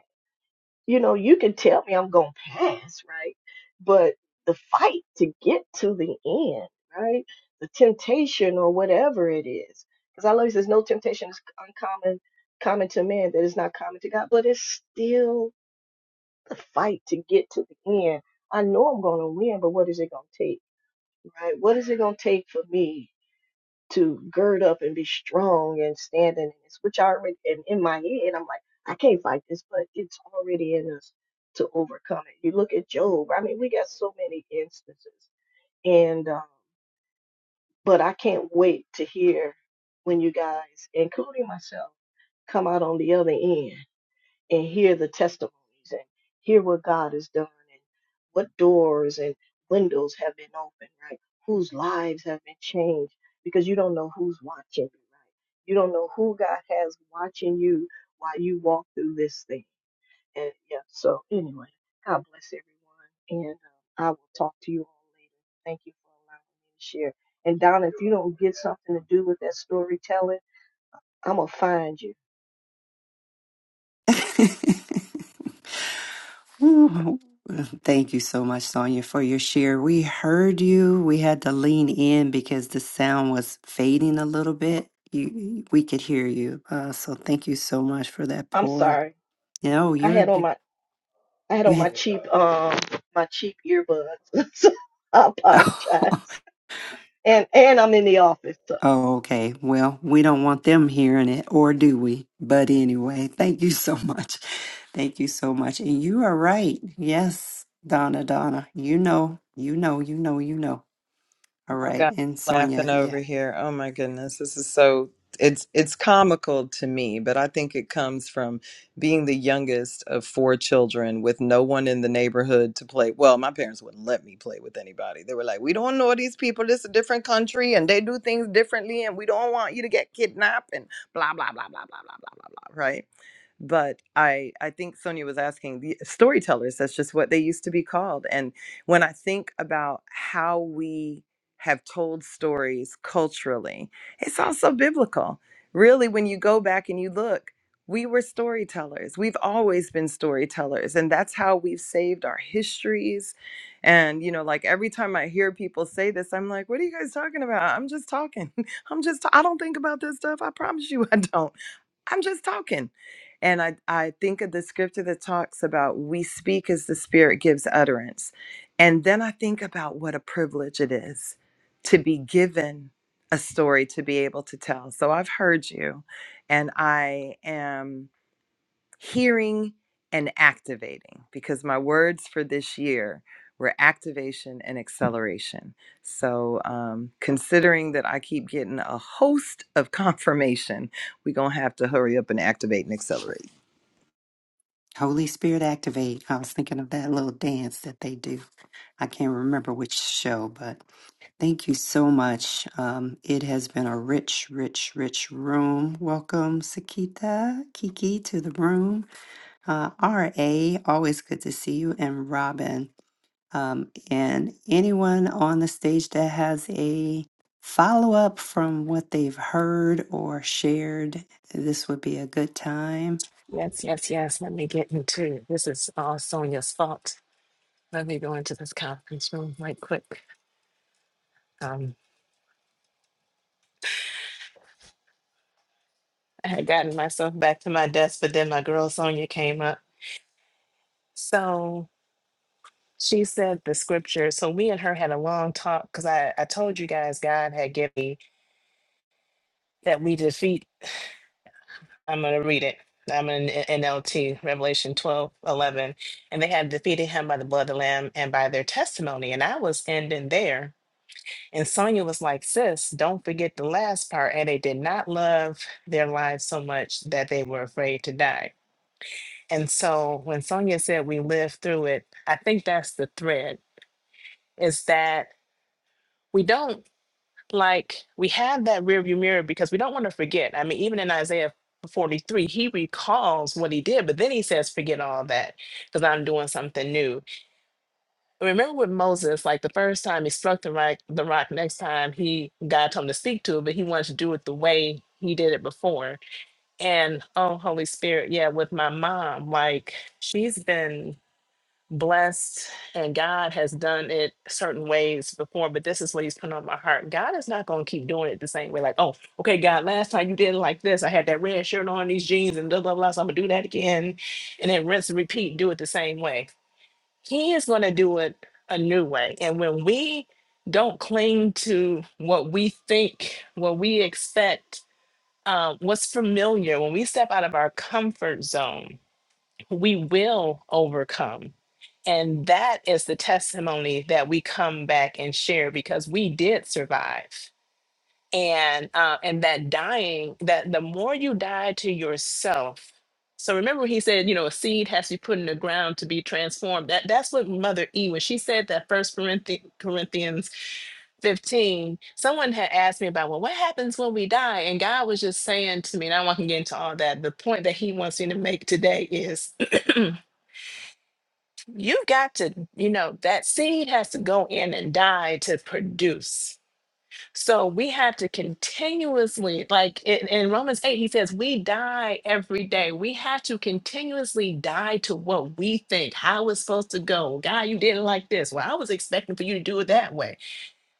you know, you can tell me I'm going to pass, right? But the fight to get to the end, right? The temptation or whatever it is. Because I love he says no temptation is uncommon, common to man that is not common to God, but it's still the fight to get to the end. I know I'm going to win, but what is it going to take, right? What is it going to take for me to gird up and be strong and standing in this, which I already and in my head I'm like, I can't fight this, but it's already in us to overcome it. You look at Job, I mean we got so many instances. And um, but I can't wait to hear when you guys, including myself, come out on the other end and hear the testimonies and hear what God has done and what doors and windows have been opened, right? Whose lives have been changed because you don't know who's watching you, right? You don't know who God has watching you while you walk through this thing. And yeah, so anyway, God bless everyone. And uh, I will talk to you all later. Thank you for allowing me to share. And Donna, if you don't get something to do with that storytelling, I'm going to find you. Ooh, Thank you so much, Sonia, for your share. We heard you. We had to lean in because the sound was fading a little bit. You, we could hear you. Uh, so thank you so much for that I'm pour. sorry. No, I you're had on you. my I had you on had, my cheap um my cheap earbuds. so I oh, apologize. And and I'm in the office, so okay. Well, we don't want them hearing it, or do we? But anyway, thank you so much. Thank you so much. And you are right. Yes, Donna, Donna. You know, you know, you know, you know. All Y'all right. got me And Sonia, laughing yes. over here. Oh my goodness, this is so it's it's comical to me, but I think it comes from being the youngest of four children with no one in the neighborhood to play. Well, my parents wouldn't let me play with anybody. They were like, "We don't know these people. This is a different country, and they do things differently, and we don't want you to get kidnapped." And blah blah blah blah blah blah blah blah blah. Right? But I I think Sonia was asking the storytellers. That's just what they used to be called. And when I think about how we have told stories culturally. It's also biblical. Really, when you go back and you look, we were storytellers. We've always been storytellers, and that's how we've saved our histories. And, you know, like every time I hear people say this, I'm like, what are you guys talking about? I'm just talking. I'm just, I don't think about this stuff. I promise you, I don't. I'm just talking. And I, I think of the scripture that talks about we speak as the Spirit gives utterance. And then I think about what a privilege it is to be given a story to be able to tell. So I've heard you, and I am hearing and activating because my words for this year were activation and acceleration. So, um, considering that I keep getting a host of confirmation, we're going to have to hurry up and activate and accelerate. Holy Spirit activate. I was thinking of that little dance that they do. I can't remember which show, but thank you so much. Um, it has been a rich, rich, rich room. Welcome, Sakita, Kiki, to the room. Uh, RA, always good to see you, and Robin. Um, and anyone on the stage that has a follow up from what they've heard or shared, this would be a good time. Yes, yes, yes. Let me get into it. This is all Sonia's fault. Let me go into this conference room right quick. Um, I had gotten myself back to my desk, but then my girl Sonia came up. So she said the scripture. So we and her had a long talk because I, I told you guys God had given me that we defeat. I'm going to read it. I'm in NLT, Revelation 12 11, And they have defeated him by the blood of the Lamb and by their testimony. And I was ending there. And Sonia was like, sis, don't forget the last part. And they did not love their lives so much that they were afraid to die. And so when Sonia said we lived through it, I think that's the thread is that we don't. like we have that rearview mirror because we don't want to forget. I mean, even in Isaiah 43, he recalls what he did, but then he says, forget all that because I'm doing something new. And Remember with Moses, like the first time he struck the rock, the rock next time he God told him to speak to it, but he wanted to do it the way he did it before. And oh, Holy Spirit, yeah, with my mom, like she's been blessed and God has done it certain ways before, but this is what he's put on my heart. God is not going to keep doing it the same way. Like, oh, okay, God, last time you did it like this, I had that red shirt on, these jeans, and blah, blah, blah. So I'm going to do that again. And then rinse and repeat, do it the same way. He is going to do it a new way. And when we don't cling to what we think, what we expect, um, what's familiar, when we step out of our comfort zone, we will overcome. And that is the testimony that we come back and share because we did survive. And uh, and that dying, that the more you die to yourself. So remember he said, you know, a seed has to be put in the ground to be transformed. That that's what Mother E when she said that first Corinthians 15, someone had asked me about, well, what happens when we die? And God was just saying to me, and I don't want to get into all that. The point that he wants me to make today is you've got to, you know, that seed has to go in and die to produce. So we have to continuously, like in, in Romans 8, he says, we die every day. We have to continuously die to what we think, how it's supposed to go. God, you didn't like this. Well, I was expecting for you to do it that way.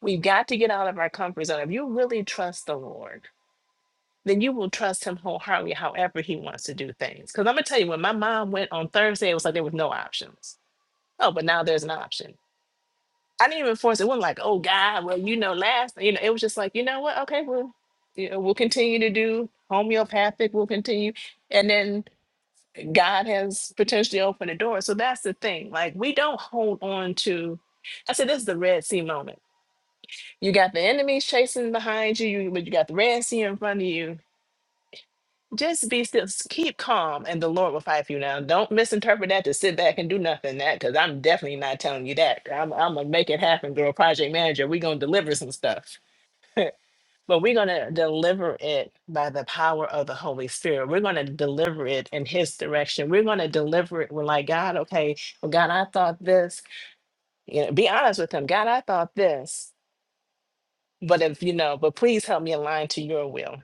We've got to get out of our comfort zone. If you really trust the Lord, then you will trust him wholeheartedly, however he wants to do things. Because I'm going to tell you, when my mom went on Thursday, it was like there was no options. Oh, but now there's an option I didn't even force it. It wasn't like, oh God, well, you know, last, you know, it was just like, you know what? Okay, well, you know, we'll continue to do homeopathic, we'll continue. And then God has potentially opened the door. So that's the thing. Like we don't hold on to I said this is the Red Sea moment. You got the enemies chasing behind you, you but you got the Red Sea in front of you just be still, s- keep calm, and the Lord will fight for you. Now, don't misinterpret that to sit back and do nothing. That because I'm definitely not telling you that. I'm, I'm gonna make it happen, girl. Project manager, we're gonna deliver some stuff, but we're gonna deliver it by the power of the Holy Spirit. We're gonna deliver it in His direction. We're gonna deliver it. We're like God, okay. Well, God, I thought this. You know, be honest with Him. God, I thought this, but if you know, but please help me align to Your will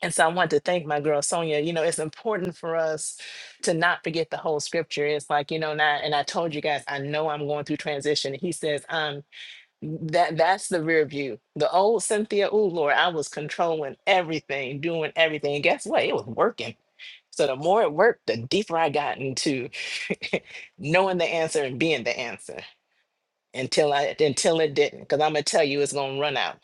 And so I want to thank my girl Sonia. You know, it's important for us to not forget the whole scripture. It's like, you know, and I, and I told you guys, I know I'm going through transition. He says, um, that that's the rear view. The old Cynthia, oh Lord, I was controlling everything, doing everything. And guess what? It was working. So the more it worked, the deeper I got into knowing the answer and being the answer until I until it didn't. Because I'm gonna tell you it's gonna run out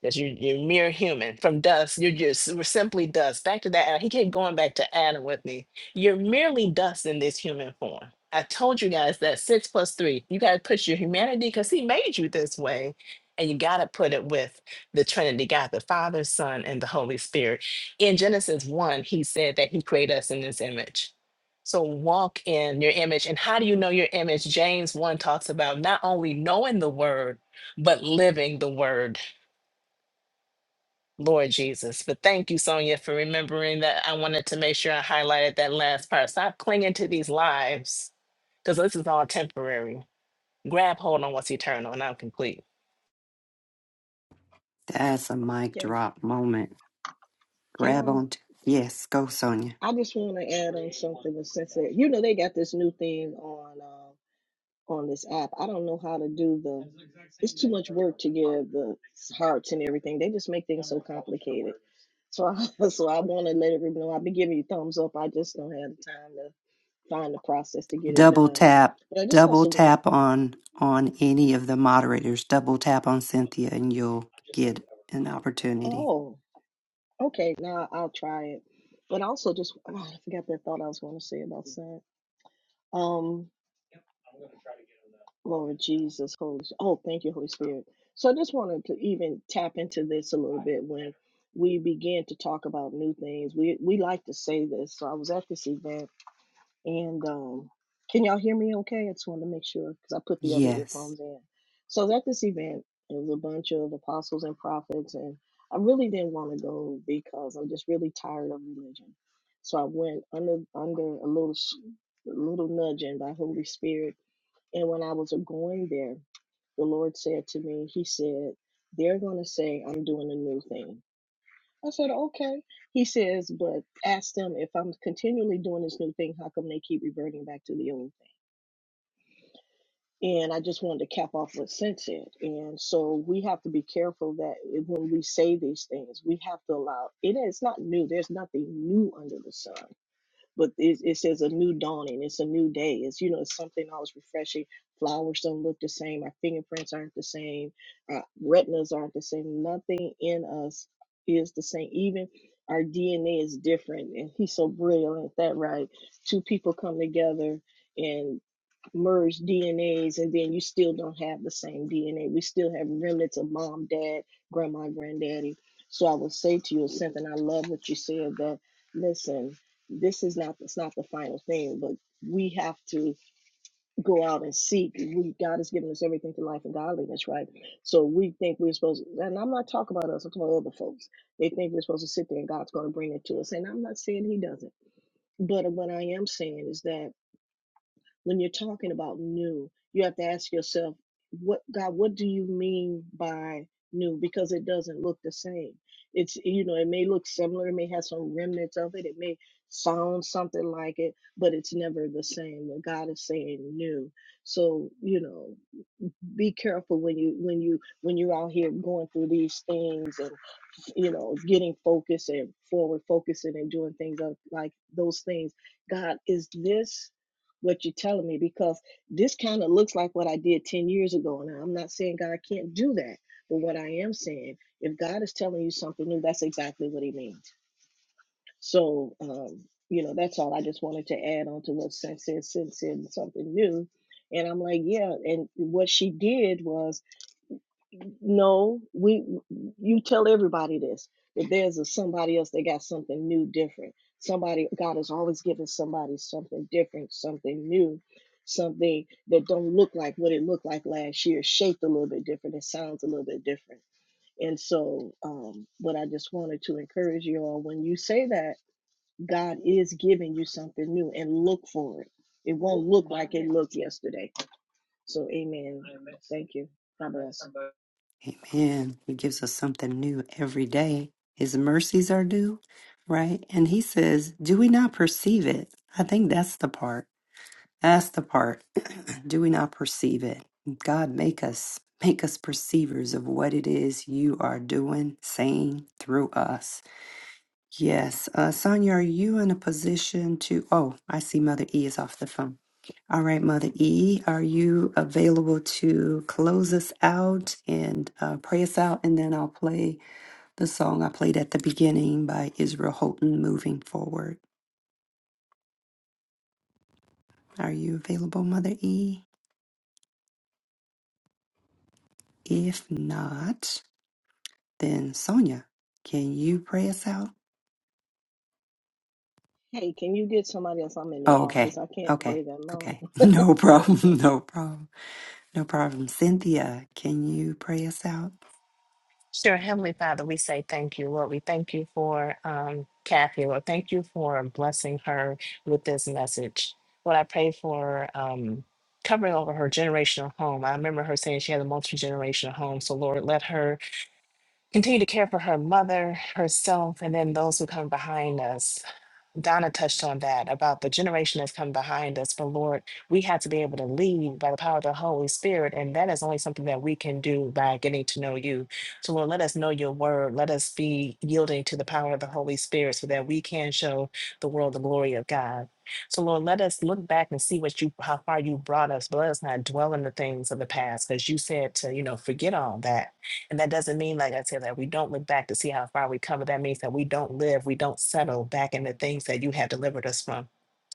because you, you're mere human from dust. You're just we're simply dust. Back to that. Adam. He kept going back to Adam with me. You're merely dust in this human form. I told you guys that six plus three. You got to put your humanity because he made you this way. And you got to put it with the Trinity God, the Father, Son, and the Holy Spirit. In Genesis 1, he said that he created us in his image. So walk in your image. And how do you know your image? James 1 talks about not only knowing the word, but living the word Lord Jesus. But thank you, Sonia, for remembering that. I wanted to make sure I highlighted that last part. Stop clinging to these lives because this is all temporary. Grab hold on what's eternal, and I'm complete. That's a mic Can drop moment. can grab on I? t- yes go sonia I just want to add on something. but Since it, you know they got this new thing on. um, on this app. I don't know how to do the. It's too much work to give the hearts and everything. They just make things so complicated. So I, so I want to let everyone know I've been giving you thumbs up. I just don't have the time to find the process to get it double done. tap But I just double also want. tap on on any of the moderators double tap on cynthia and you'll get an opportunity Oh, okay. Now I'll try it. But I also just oh, I forgot that thought I was going to say about that. Lord Jesus, Holy. Oh, thank you, Holy Spirit. So I just wanted to even tap into this a little bit when we begin to talk about new things. We we like to say this. So I was at this event, and um, can y'all hear me? Okay, I just wanted to make sure because I put the other yes earphones in. So I was at this event. It was a bunch of apostles and prophets, and I really didn't want to go because I'm just really tired of religion. So I went under under a little s- a little nudging by Holy Spirit and when I was going there, the Lord said to me, He said, They're going to say, I'm doing a new thing. I said, Okay. He says, But ask them if I'm continually doing this new thing, how come they keep reverting back to the old thing? And I just wanted to cap off what Sin said. And so we have to be careful that when we say these things, we have to allow it. It's not new, there's nothing new under the sun. but it, it says a new dawning it's a new day it's you know it's something always refreshing flowers don't look the same our fingerprints aren't the same our retinas aren't the same nothing in us is the same even our dna is different and he's so brilliant at that right two people come together and merge DNAs and then you still don't have the same DNA. We still have remnants of mom, dad, grandma, granddaddy. So I would say to you, something I love what you said that listen, this is not it's not the final thing, but we have to go out and seek. We God has given us everything to life and godliness, right? So we think we're supposed to, and I'm not talking about us, I'm talking about other folks. They think we're supposed to sit there and God's gonna bring it to us. And I'm not saying he doesn't. But what I am saying is that when you're talking about new, you have to ask yourself, what God, what do you mean by new? Because it doesn't look the same. It's you know, it may look similar, it may have some remnants of it, it may sound something like it, but it's never the same when God is saying new. So, you know, be careful when you when you when you're out here going through these things and you know, getting focused and forward focusing and doing things of like those things. God, is this what you're telling me? Because this kind of looks like what I did 10 years ago. Now, I'm not saying God can't do that, but what I am saying, if God is telling you something new, that's exactly what He means. So, um, you know, that's all I just wanted to add on to what Sin said. Sin said something new. And I'm like, yeah. And what she did was no, we you tell everybody this that there's a somebody else that got something new, different. Somebody God is always giving somebody something different, something new, something that don't look like what it looked like last year, shaped a little bit different, it sounds a little bit different. And so, um, what I just wanted to encourage you all when you say that God is giving you something new, and look for it. It won't look like it looked yesterday. So, Amen. Thank you. God bless. amen he gives us something new every day his mercies are new right and he says do we not perceive it i think that's the part that's the part do we not perceive it god make us make us perceivers of what it is you are doing saying through us Yes. Uh, Sonia, are you in a position to? Oh, I see Mother E is off the phone. All right, Mother E, are you available to close us out and uh, pray us out? And then I'll play the song I played at the beginning by Israel Houghton, Moving Forward. Are you available, Mother E? If not, then Sonia, can you pray us out? Hey, can you get somebody else? I'm in the Oh, okay. office. I can't Okay. pray that long. Okay. No Okay. problem. No problem. No problem. Cynthia, can you pray us out? Sure, Heavenly Father, we say thank you, Lord. We thank you for um, Kathy, Lord. Thank you for blessing her with this message. Lord, I pray for um, covering over her generational home. I remember her saying she had a multi generational home. So, Lord, let her continue to care for her mother, herself, and then those who come behind us. Donna touched on that about the generation that's come behind us. But Lord, we have to be able to lead by the power of the Holy Spirit. And that is only something that we can do by getting to know you. So, Lord, let us know your word. Let us be yielding to the power of the Holy Spirit so that we can show the world the glory of God. So, Lord, let us look back and see what you, how far you brought us, but let us not dwell in the things of the past, because you said to, you know, forget all that and that doesn't mean, like I said, that we don't look back to see how far we come. but That means that we don't live, we don't settle back in the things that you have delivered us from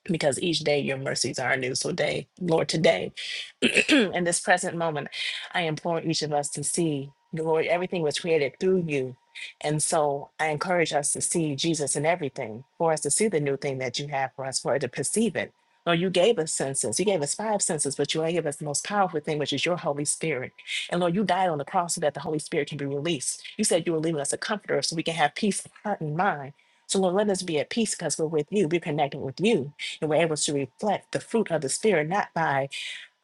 because each day your mercies are new. So, day, Lord, today, in this present moment, I implore each of us to see, Lord, everything was created through you. And so I encourage us to see Jesus in everything, for us to see the new thing that you have for us, for us to perceive it. Lord, you gave us senses. You gave us five senses, but you only gave us the most powerful thing, which is your Holy Spirit. And Lord, you died on the cross so that the Holy Spirit can be released. You said you were leaving us a comforter so we can have peace of heart and mind. So, Lord, let us be at peace because we're with you. We're connected with you and we're able to reflect the fruit of the spirit not by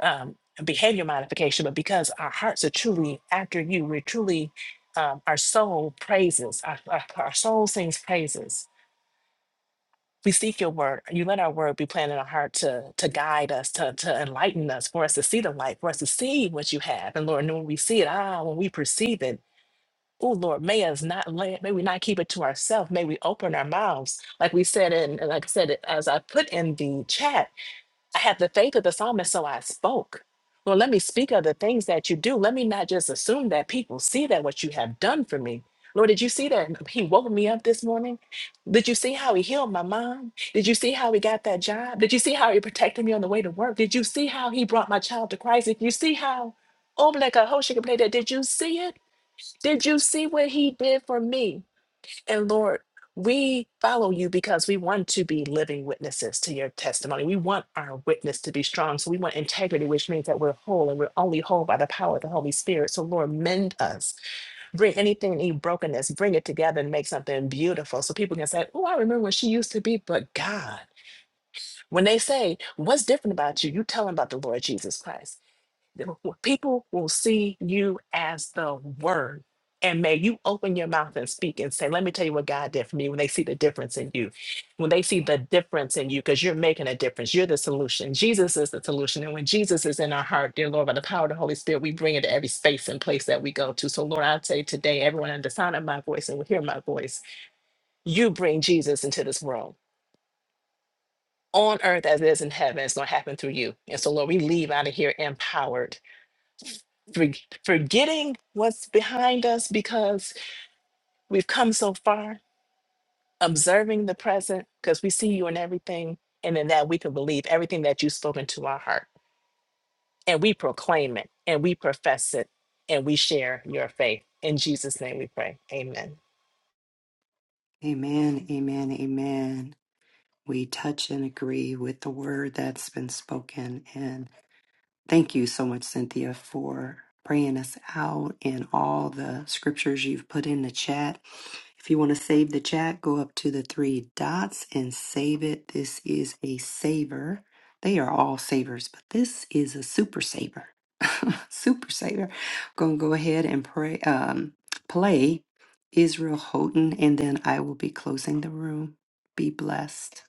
um, behavior modification but because our hearts are truly after you we're truly um, our soul praises our, our, our soul sings praises we seek your word you let our word be planted in our heart to to guide us to, to enlighten us for us to see the light for us to see what you have and lord and when we see it ah when we perceive it Oh Lord, may us not lay, may we not keep it to ourselves. May we open our mouths, like we said in, and like I said, as I put in the chat I had the faith of the psalmist, so I spoke. Lord, let me speak of the things that you do. Let me not just assume that people see that what you have done for me. Lord, did you see that he woke me up this morning? Did you see how he healed my mom? Did you see how he got that job? Did you see how he protected me on the way to work? Did you see how he brought my child to Christ? Did you see how, oh, like a whole she could play that? Did you see it? Did you see what he did for me? And Lord, we follow you because we want to be living witnesses to your testimony. We want our witness to be strong. So we want integrity, which means that we're whole and we're only whole by the power of the Holy Spirit. So, Lord, mend us. Bring anything, any brokenness, bring it together and make something beautiful so people can say, Oh, I remember when she used to be, but God. When they say, What's different about you? You tell them about the Lord Jesus Christ. The- w- People will see you as the word. And may you open your mouth and speak and say, Let me tell you what God did for me when they see the difference in you, when they see the difference in you, because you're making a difference. You're the solution. Jesus is the solution. And when Jesus is in our heart, dear Lord, by the power of the Holy Spirit, we bring it to every space and place that we go to. So, Lord, I say today, everyone under the sound of my voice and will hear my voice, you bring Jesus into this world on earth as it is in heaven. It's going to happen through you. And so, Lord, we leave out of here empowered for- forgetting what's behind us because we've come so far, observing the present because we see you in everything. And in that we can believe everything that you've spoken to our heart. And we proclaim it and we profess it and we share your faith. In Jesus' name we pray. Amen. Amen, amen, amen. We touch and agree with the word that's been spoken, and Thank you so much, Cynthia, for praying us out and all the scriptures you've put in the chat. If you want to save the chat, go up to the three dots and save it. This is a saver. They are all savers, but this is a super saver. super saver. going to go ahead and pray, um, play Israel Houghton, and then I will be closing the room. Be blessed.